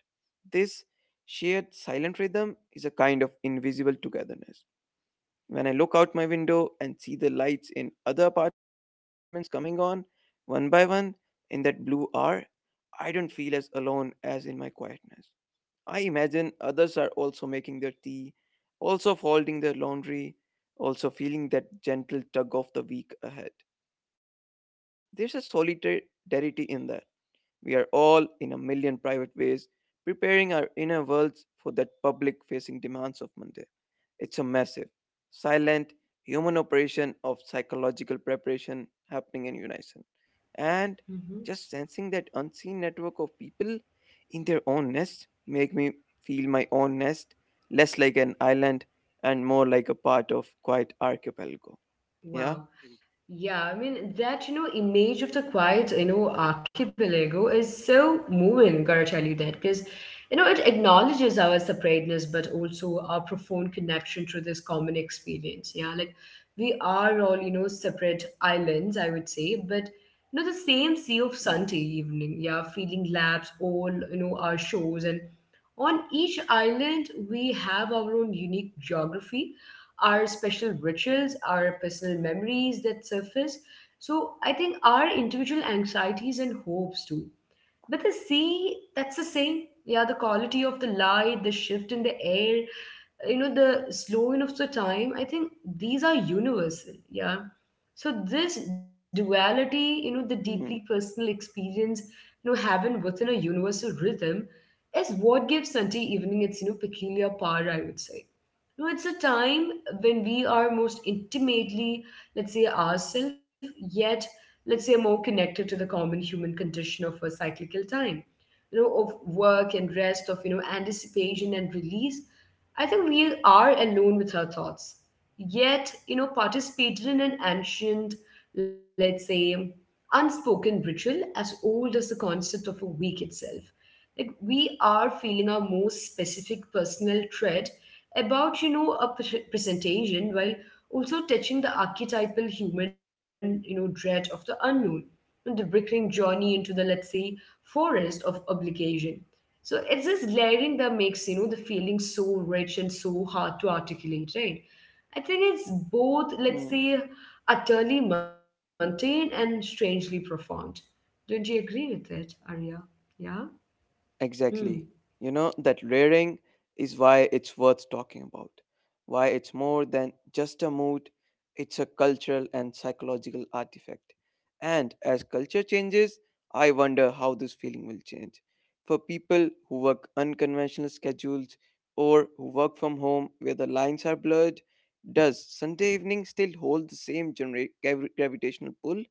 [SPEAKER 2] This shared silent rhythm is a kind of invisible togetherness. When I look out my window and see the lights in other apartments coming on one by one in that blue hour, I don't feel as alone as in my quietness. I imagine others are also making their tea, also folding their laundry, also feeling that gentle tug of the week ahead. There's a solidarity in that. We are all, in a million private ways, preparing our inner worlds for that public facing demands of Monday. It's a massive, silent human operation of psychological preparation happening in unison. And
[SPEAKER 1] Mm-hmm.
[SPEAKER 2] just sensing that unseen network of people in their own nest make me feel my own nest less like an island and more like a part of quite archipelago. Yeah.
[SPEAKER 1] Wow. Yeah, I mean that, image of the quiet, archipelago is so moving, gotta tell you that, because it acknowledges our separateness but also our profound connection to this common experience. Yeah, like we are all, separate islands, I would say, but the same sea of Sunday
[SPEAKER 2] Hmm.
[SPEAKER 1] evening, yeah, feeling laps all, our shores, and on each island we have our own unique geography, our special rituals, our personal memories that surface. So I think our individual anxieties and hopes too. But the sea, that's the same. Yeah, the quality of the light, the shift in the air, the slowing of the time. I think these are universal. Yeah. So this duality,
[SPEAKER 2] Hmm.
[SPEAKER 1] the deeply personal experience, having within a universal rhythm is what gives Sunday evening its, peculiar power, I would say. No, it's a time when we are most intimately, let's say, ourselves, yet, let's say, more connected to the common human condition of a cyclical time, of work and rest, of anticipation and release. I think we are alone with our thoughts, yet, participated in an ancient, let's say, unspoken ritual as old as the concept of a week itself. Like, we are feeling our most specific personal thread about a presentation, while also touching the archetypal human dread of the unknown and the recurring journey into the, let's say, forest of obligation. So it's this layering that makes, the feeling so rich and so hard to articulate, right? I think it's
[SPEAKER 2] Hmm.
[SPEAKER 1] both, let's say, utterly mundane and strangely profound. Don't you agree with it, Arya? Yeah.
[SPEAKER 2] Exactly.
[SPEAKER 1] Hmm.
[SPEAKER 2] That rearing is why it's worth talking about. Why it's more than just a mood, it's a cultural and psychological artifact. And as culture changes, I wonder how this feeling will change. For people who work unconventional schedules or who work from home where the lines are blurred, does Sunday evening still hold the same gravitational pull?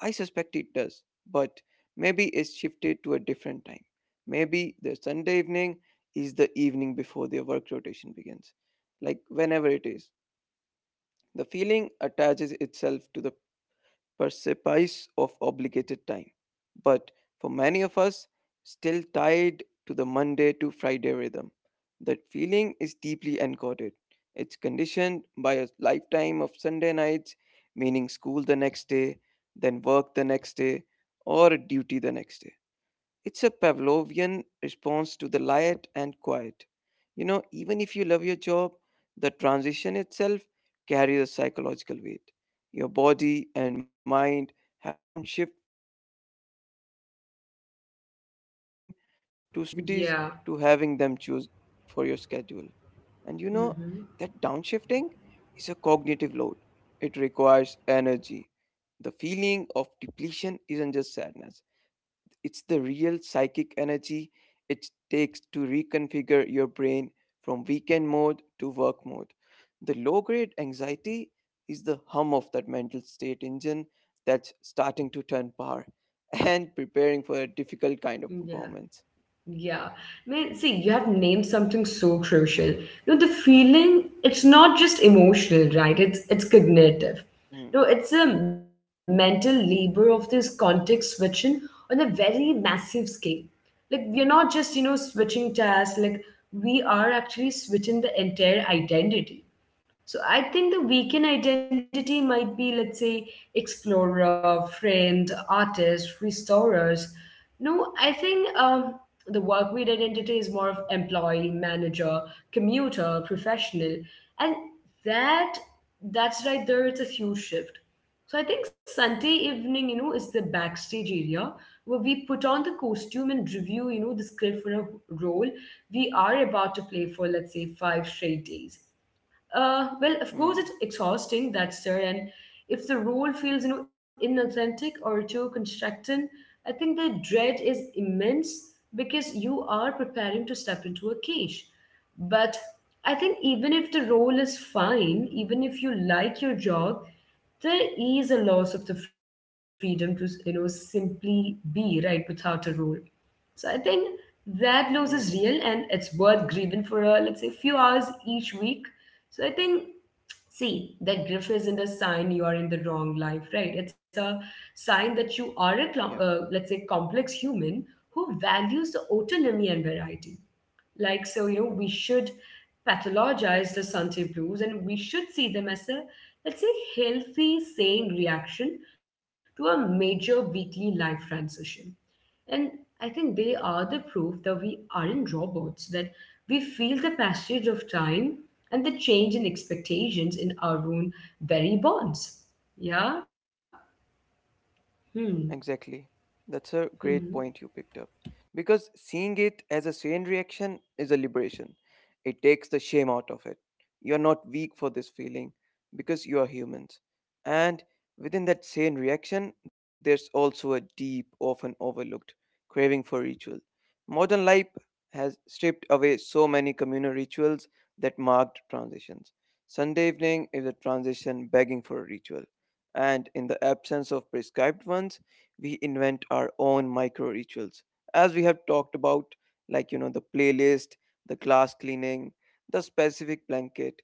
[SPEAKER 2] I suspect it does, but maybe it's shifted to a different time. Maybe the Sunday evening is the evening before their work rotation begins, like whenever it is. The feeling attaches itself to the precipice of obligated time. But for many of us, still tied to the Monday to Friday rhythm, that feeling is deeply encoded. It's conditioned by a lifetime of Sunday nights, meaning school the next day, then work the next day, or duty the next day. It's a Pavlovian response to the light and quiet. You know, even if you love your job, the transition itself carries a psychological weight. Your body and mind have to downshift from open time to structured time, from choosing your activities
[SPEAKER 1] Yeah.
[SPEAKER 2] to having them choose for your schedule. And you know,
[SPEAKER 1] Hmm.
[SPEAKER 2] that downshifting is a cognitive load, it requires energy. The feeling of depletion isn't just sadness, it's the real psychic energy it takes to reconfigure your brain from weekend mode to work mode. The low grade anxiety is the hum of that mental state engine that's starting to turn power and preparing for a difficult kind of performance.
[SPEAKER 1] Yeah. Man, see, you have named something so crucial. You know, the feeling, it's not just emotional, right? It's cognitive.
[SPEAKER 2] Hmm.
[SPEAKER 1] No, it's a mental labor of this context switching on a very massive scale. Like, we're not just, you know, switching tasks, like we are actually switching the entire identity. So I think the weekend identity might be, let's say, explorer, friend, artist, restorers. No, I think the work week identity is more of employee, manager, commuter, professional, and that that's right there. It's a huge shift. So I think Sunday evening, you know, is the backstage area where we put on the costume and review, you know, the script for a role we are about to play for, let's say, five straight days. Well, of course,
[SPEAKER 2] Hmm.
[SPEAKER 1] it's exhausting, that's there. And if the role feels, you know, inauthentic or too constructed, I think the dread is immense because you are preparing to step into a cage. But I think even if the role is fine, even if you like your job, there is a loss of the freedom to, you know, simply be, right, without a role. So I think that
[SPEAKER 2] Hmm.
[SPEAKER 1] loss is real, and it's worth grieving for, a let's say, few hours each week. So I think, see, that grief isn't a sign you are in the wrong life, right? It's a sign that you are a
[SPEAKER 2] Yeah.
[SPEAKER 1] let's say complex human who values the autonomy and variety. Like, so, you know, we should pathologize the Sunday blues, and we should see them as a, let's say, healthy, sane reaction to a major weekly life transition. And I think they are the proof that we aren't robots, that we feel the passage of time and the change in expectations in our own very bonds. Yeah? Hmm.
[SPEAKER 2] Exactly. That's a
[SPEAKER 1] Hmm.
[SPEAKER 2] great point you picked up. Because seeing it as a sane reaction is a liberation. It takes the shame out of it. You're not weak for this feeling because you are humans. And within that sane reaction, there's also a deep, often overlooked craving for ritual. Modern life has stripped away so many communal rituals that marked transitions. Sunday evening is a transition begging for a ritual. And in the absence of prescribed ones, we invent our own micro rituals as we have talked about, like the playlist, the glass cleaning, the specific blanket.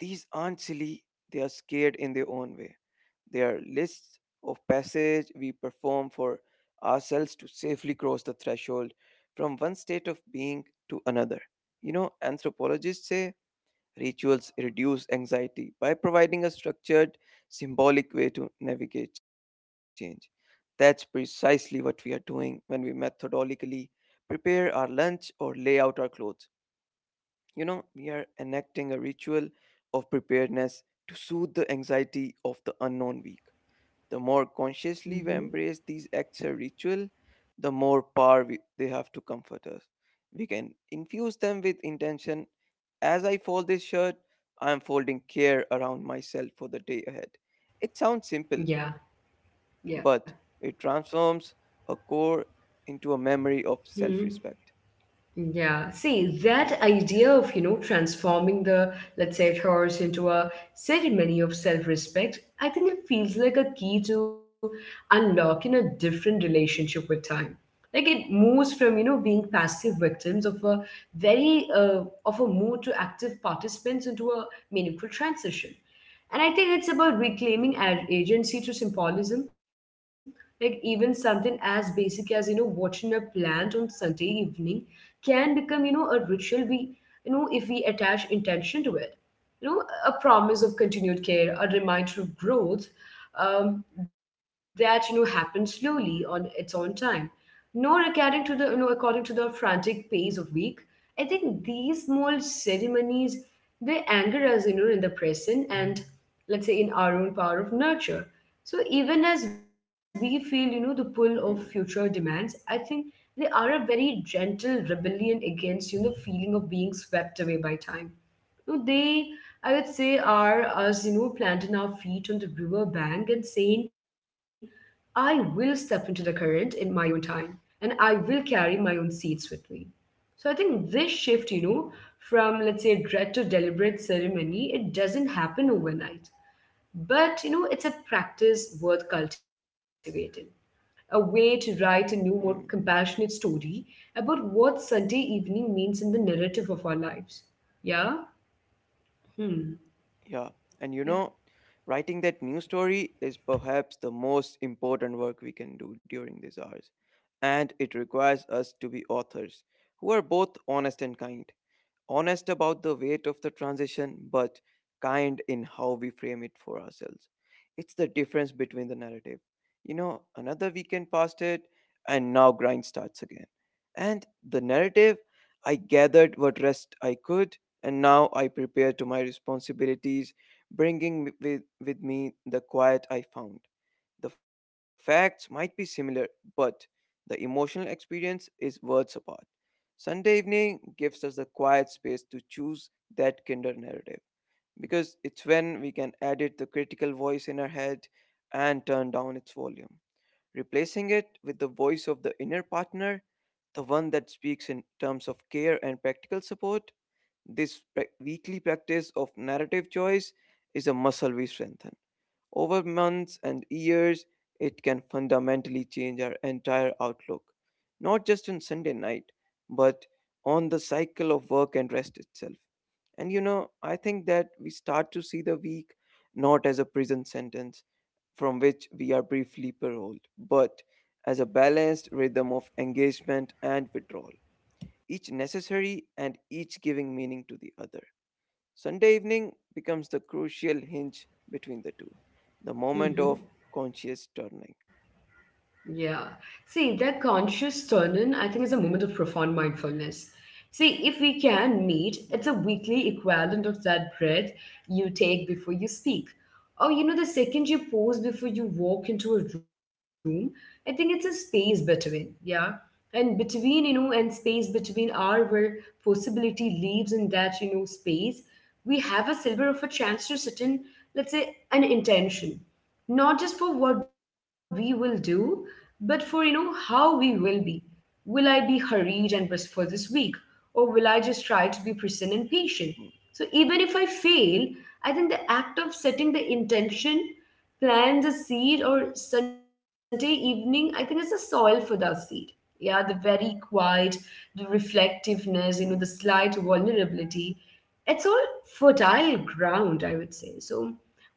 [SPEAKER 2] These aren't silly, they are scared in their own way. They are lists of passage we perform for ourselves to safely cross the threshold from one state of being to another. You know, anthropologists say rituals reduce anxiety by providing a structured, symbolic way to navigate change. That's precisely what we are doing when we methodologically prepare our lunch or lay out our clothes. You know, we are enacting a ritual of preparedness to soothe the anxiety of the unknown week. The more
[SPEAKER 1] Hmm.
[SPEAKER 2] consciously
[SPEAKER 1] Hmm.
[SPEAKER 2] we embrace these acts of ritual, the more power they have to comfort us. We can infuse them with intention. As I fold this shirt, I am folding care around myself for the day ahead. It sounds simple,
[SPEAKER 1] Yeah.
[SPEAKER 2] but it
[SPEAKER 1] Yeah.
[SPEAKER 2] transforms a core into a memory of self respect.
[SPEAKER 1] Hmm. Yeah, see,
[SPEAKER 2] Hmm,
[SPEAKER 1] that
[SPEAKER 2] yeah.
[SPEAKER 1] idea of, you know, transforming the, let's say, horse into a ceremony of self-respect, I think it feels like a key to unlocking a different relationship with time. Like, it moves from, you know, being passive victims of a very of a mood to active participants into a meaningful transition. And I think it's about
[SPEAKER 2] Hmm,
[SPEAKER 1] reclaiming agency to symbolism, like even something as basic as, you know, watching a plant on Sunday evening can become, you know, a ritual we, you know, if we attach intention to it, you know, a promise of continued care, a reminder of growth, um, that, you know, happens slowly on its own time, nor according to the, you know, according to the frantic pace of week. I think these small ceremonies, they anchor us, you know, in the present, and, let's say, in our own power of nurture. So even as we feel, you know, the pull
[SPEAKER 2] hmm,
[SPEAKER 1] of future demands, I think they are a very gentle rebellion against, you know, the feeling of being swept away by time. No, they, I would say, are us, you know, planting our feet on the river bank and saying, I will step into the current in my own time, and I will carry my own seeds with me. So I think this shift, you know, from, let's say, dread to deliberate ceremony, it doesn't happen overnight. But, you know, it's a practice worth cultivating, a way to write a new, more
[SPEAKER 2] hmm,
[SPEAKER 1] compassionate story about what Sunday evening means in the narrative of our lives. Yeah? Hmm.
[SPEAKER 2] yeah. And you
[SPEAKER 1] Yeah.
[SPEAKER 2] know, writing that new story is perhaps the most important work we can do during these hours. And it requires us to be authors who are both honest and kind. Honest about the weight of the transition, but kind in how we frame it for ourselves. It's the difference between the narrative. You know, another weekend passed it, and now grind starts again. And the narrative, I gathered what rest I could, and now I prepare to my responsibilities, bringing with me the quiet I found. The facts might be similar, but the emotional experience is worlds apart. Sunday evening gives us the quiet space to choose that kinder narrative because it's when we can edit the critical voice in our head and turn down its volume, replacing it with the voice of the inner partner, the one that speaks in terms of care and practical support. This weekly practice of narrative choice is a muscle we strengthen. Over months and years, it can fundamentally change our entire outlook, not just on Sunday night, but on the cycle of work and rest itself. And you know, I think that we start to see the week not as a prison sentence from which we are briefly paroled, but as a balanced rhythm of engagement and withdrawal, each necessary and each giving meaning to the other. Sunday evening becomes the crucial hinge between the two, the moment
[SPEAKER 1] Hmm.
[SPEAKER 2] of conscious turning.
[SPEAKER 1] Yeah. See, that conscious turn in, I think, is a moment of profound mindfulness. See, if we can meet, it's a
[SPEAKER 2] Hmm,
[SPEAKER 1] weekly equivalent of that breath you take before you speak. Or, you know, the second you pause before you walk into a room, I think it's a space between, yeah. And between, you know, and space between are where possibility lives. In that, you know, space, we have a silver of a chance to sit in, let's say, an intention not just for what we will do, but for, you know, how we will be. Will I be hurried and pressed for this week, or will I just try to be present and
[SPEAKER 2] hmm,
[SPEAKER 1] patient? So even if I fail, I think the act of setting the intention, plants a seed, or Sunday evening, I think it's a soil for that seed. Yeah, the very quiet, the reflectiveness,
[SPEAKER 2] hmm,
[SPEAKER 1] you know, the slight vulnerability. It's all fertile ground, I would say. So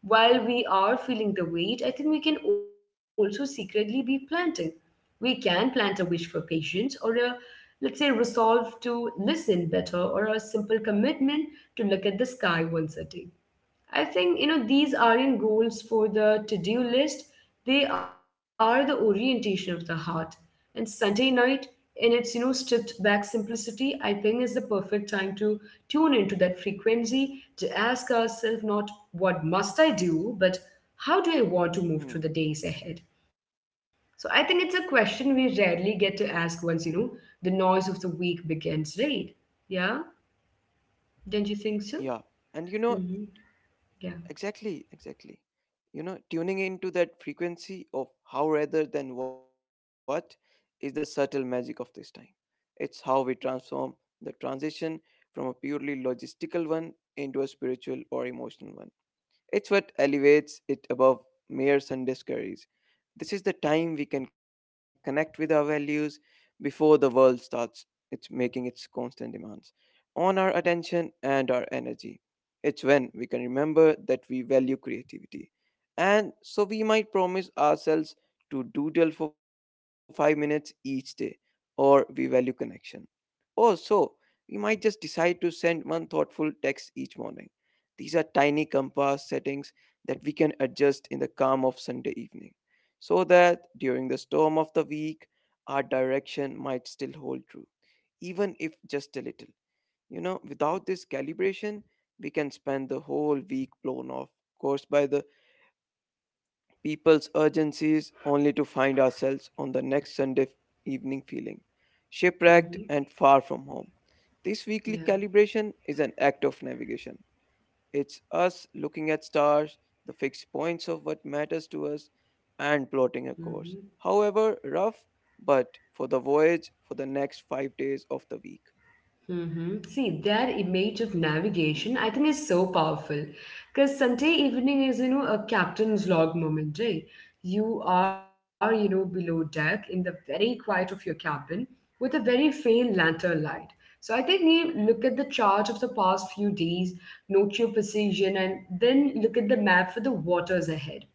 [SPEAKER 1] while we are feeling the weight, I think we can also secretly be planting. We can plant a wish for patience, or a, let's say, resolve to listen better, or a simple commitment to look at the sky once a day. I think, you know, these aren't goals for the to-do list. They are the orientation of the heart. And Sunday night, in its, you know, stripped back simplicity, I think is the perfect time to tune into that frequency, to ask ourselves not what must I do, but how do I want to move through the
[SPEAKER 2] hmm.
[SPEAKER 1] days ahead. So I think it's a question we rarely get to ask once, you know, the noise of the week begins, right? Yeah, don't you think so?
[SPEAKER 2] Yeah, and you know,
[SPEAKER 1] Mm-hmm. Yeah.
[SPEAKER 2] exactly. You know, tuning into that frequency of how rather than what is the subtle magic of this time. It's how we transform the transition from a purely logistical one into a spiritual or emotional one. It's what elevates it above mere Sunday scurries. This is the time we can connect with our values before the world starts it's making its constant demands on our attention and our energy. It's when we can remember that we value creativity. And so we might promise ourselves to doodle for 5 minutes each day, or we value connection. Or so we might just decide to send one thoughtful text each morning. These are tiny compass settings that we can adjust in the calm of Sunday evening so that during the storm of the week, our direction might still hold true, even if just a little. You know, without this calibration, we can spend the whole week blown off course by the people's urgencies only to find ourselves on the next Sunday evening feeling
[SPEAKER 1] Mm-hmm.
[SPEAKER 2] shipwrecked and far from home. This weekly
[SPEAKER 1] Yeah.
[SPEAKER 2] calibration is an act of navigation. It's us looking at stars, the fixed points of what matters to us, and
[SPEAKER 1] Mm-hmm.
[SPEAKER 2] plotting a course. However, rough, but for the voyage for the next 5 days of the week.
[SPEAKER 1] Mm-hmm. See, their image of
[SPEAKER 2] Mm,
[SPEAKER 1] navigation, I think, is so powerful. Because Sunday evening is, you know, a captain's log moment, right? You are, you know, below deck in the very quiet of your cabin with a very faint lantern light. So I think you look at the chart of the past few days, note your position, and then look at the map for the waters ahead.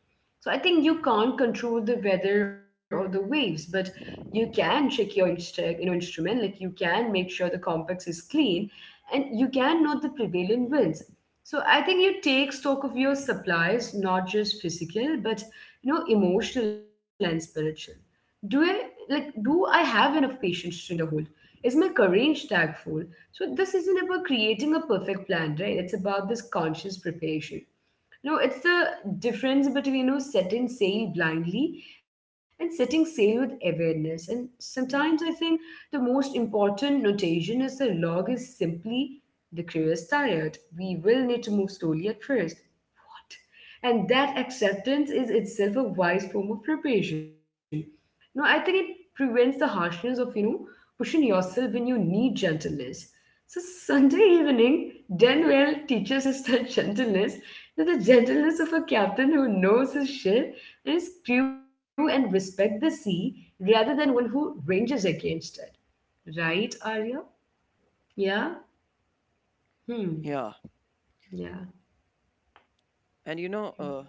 [SPEAKER 1] So I think you can't control the weather or the waves, but you can check your you know, instrument, like you can make sure the complex is clean, and you can note the prevailing winds.
[SPEAKER 2] mm,
[SPEAKER 1] So I think you take stock of your supplies, not just physical, but, you know, emotional and spiritual. Do I, like, do I have enough patience during the hold? Is my courage tagful? So this isn't about creating a perfect plan, right? It's about this conscious preparation. No, it's the difference between, you know, setting sail blindly and setting sail with awareness. And
[SPEAKER 2] mm,
[SPEAKER 1] sometimes I think the most important notation is the log is simply the crew is tired. We will need to move slowly at first. What? And that acceptance is itself a wise form of preparation. No, I think it prevents the harshness of, you know, pushing yourself when you need gentleness. So Sunday evening, Denwell
[SPEAKER 2] mm.
[SPEAKER 1] teaches us that gentleness, to the gentleness of a captain who knows his ship and his crew, and respect the sea rather than one who ranges against it. Right, Arya? Yeah?
[SPEAKER 2] Yeah,
[SPEAKER 1] Hmm. Yeah.
[SPEAKER 2] and you know,
[SPEAKER 1] Hmm.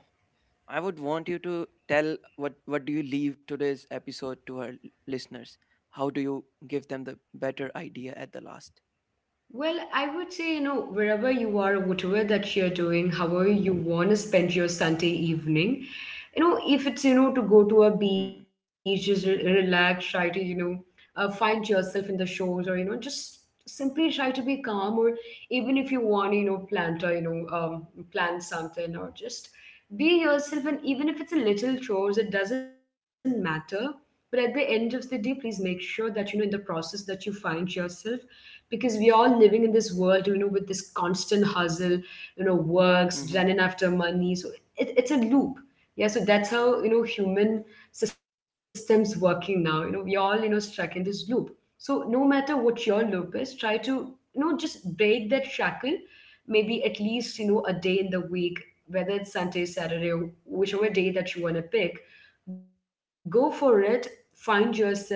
[SPEAKER 2] I would want you to tell what do you leave today's episode to our listeners? How do you give them the better idea at the last?
[SPEAKER 1] Well, I would say, you know, wherever you are, whatever that you're doing, however you want to spend your Sunday evening, you know, if it's, you know, to go to a beach, just
[SPEAKER 2] Mm,
[SPEAKER 1] relax, try to, you know, find yourself in the shores, or, you know, just simply try to be calm, or even if you want, you know, plant, or, you know, plant something, or just be yourself. And even if it's a little chores, it doesn't matter. But at the end of the day, please make sure that, you know, in the process that you find yourself, because we all living in this world, you know, with this constant hustle, you know, works running after
[SPEAKER 2] mm-hmm,
[SPEAKER 1] money. So it, it's a loop, yeah. So that's how, you know, human systems working now, you know, we all, you know, stuck in this loop. So no matter what your loop is, try to, you know, just break that shackle, maybe at least, you know, a day in the week, whether it's Sunday, Saturday, or whichever day that you want to pick, go for it. Find yourself, just,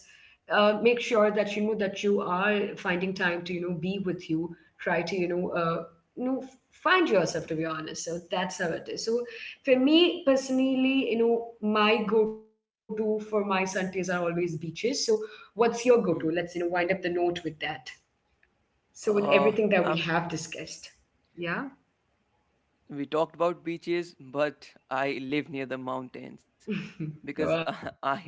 [SPEAKER 1] make sure that, you know, that you are finding time to, you know, be with you. Try to, you know, you know, find yourself, to be honest. So that's how it is. So for me personally, you know, my go-to for my Sundays are always beaches. So what's your go-to? Let's, you know,
[SPEAKER 2] mm.
[SPEAKER 1] wind up the note with that. So with
[SPEAKER 2] Uh,
[SPEAKER 1] everything that we have discussed, yeah.
[SPEAKER 2] we talked about beaches but I live near the mountains because
[SPEAKER 1] Wow.
[SPEAKER 2] I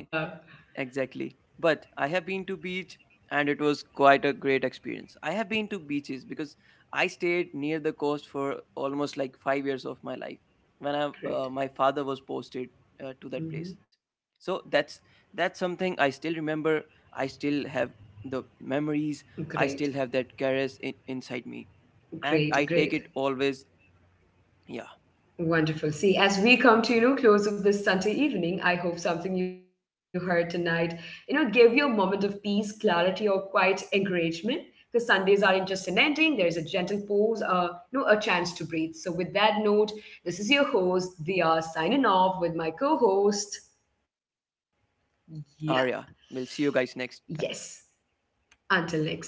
[SPEAKER 2] exactly but I have been to beach and it was quite a great experience. I have been to beaches because I stayed near the coast for almost like 5 years of my life when I
[SPEAKER 1] Great.
[SPEAKER 2] my father was posted to that
[SPEAKER 1] Mm-hmm.
[SPEAKER 2] place. So that's something I still remember. I still have the memories, I
[SPEAKER 1] Great,
[SPEAKER 2] still have that caress inside me, and I
[SPEAKER 1] great,
[SPEAKER 2] take
[SPEAKER 1] great.
[SPEAKER 2] it always. Yeah,
[SPEAKER 1] Wonderful. See, as we come to, you know, close of this Sunday evening, I hope something you heard tonight, you know, gave you a moment of peace, clarity, or quiet encouragement. Because Sundays aren't just an ending, there's a gentle pause, you know, a chance to breathe. So with that note, this is your host, Dia, signing off with my co-host. Yeah.
[SPEAKER 2] Arya. We'll see you guys next time.
[SPEAKER 1] Yes. Until next time.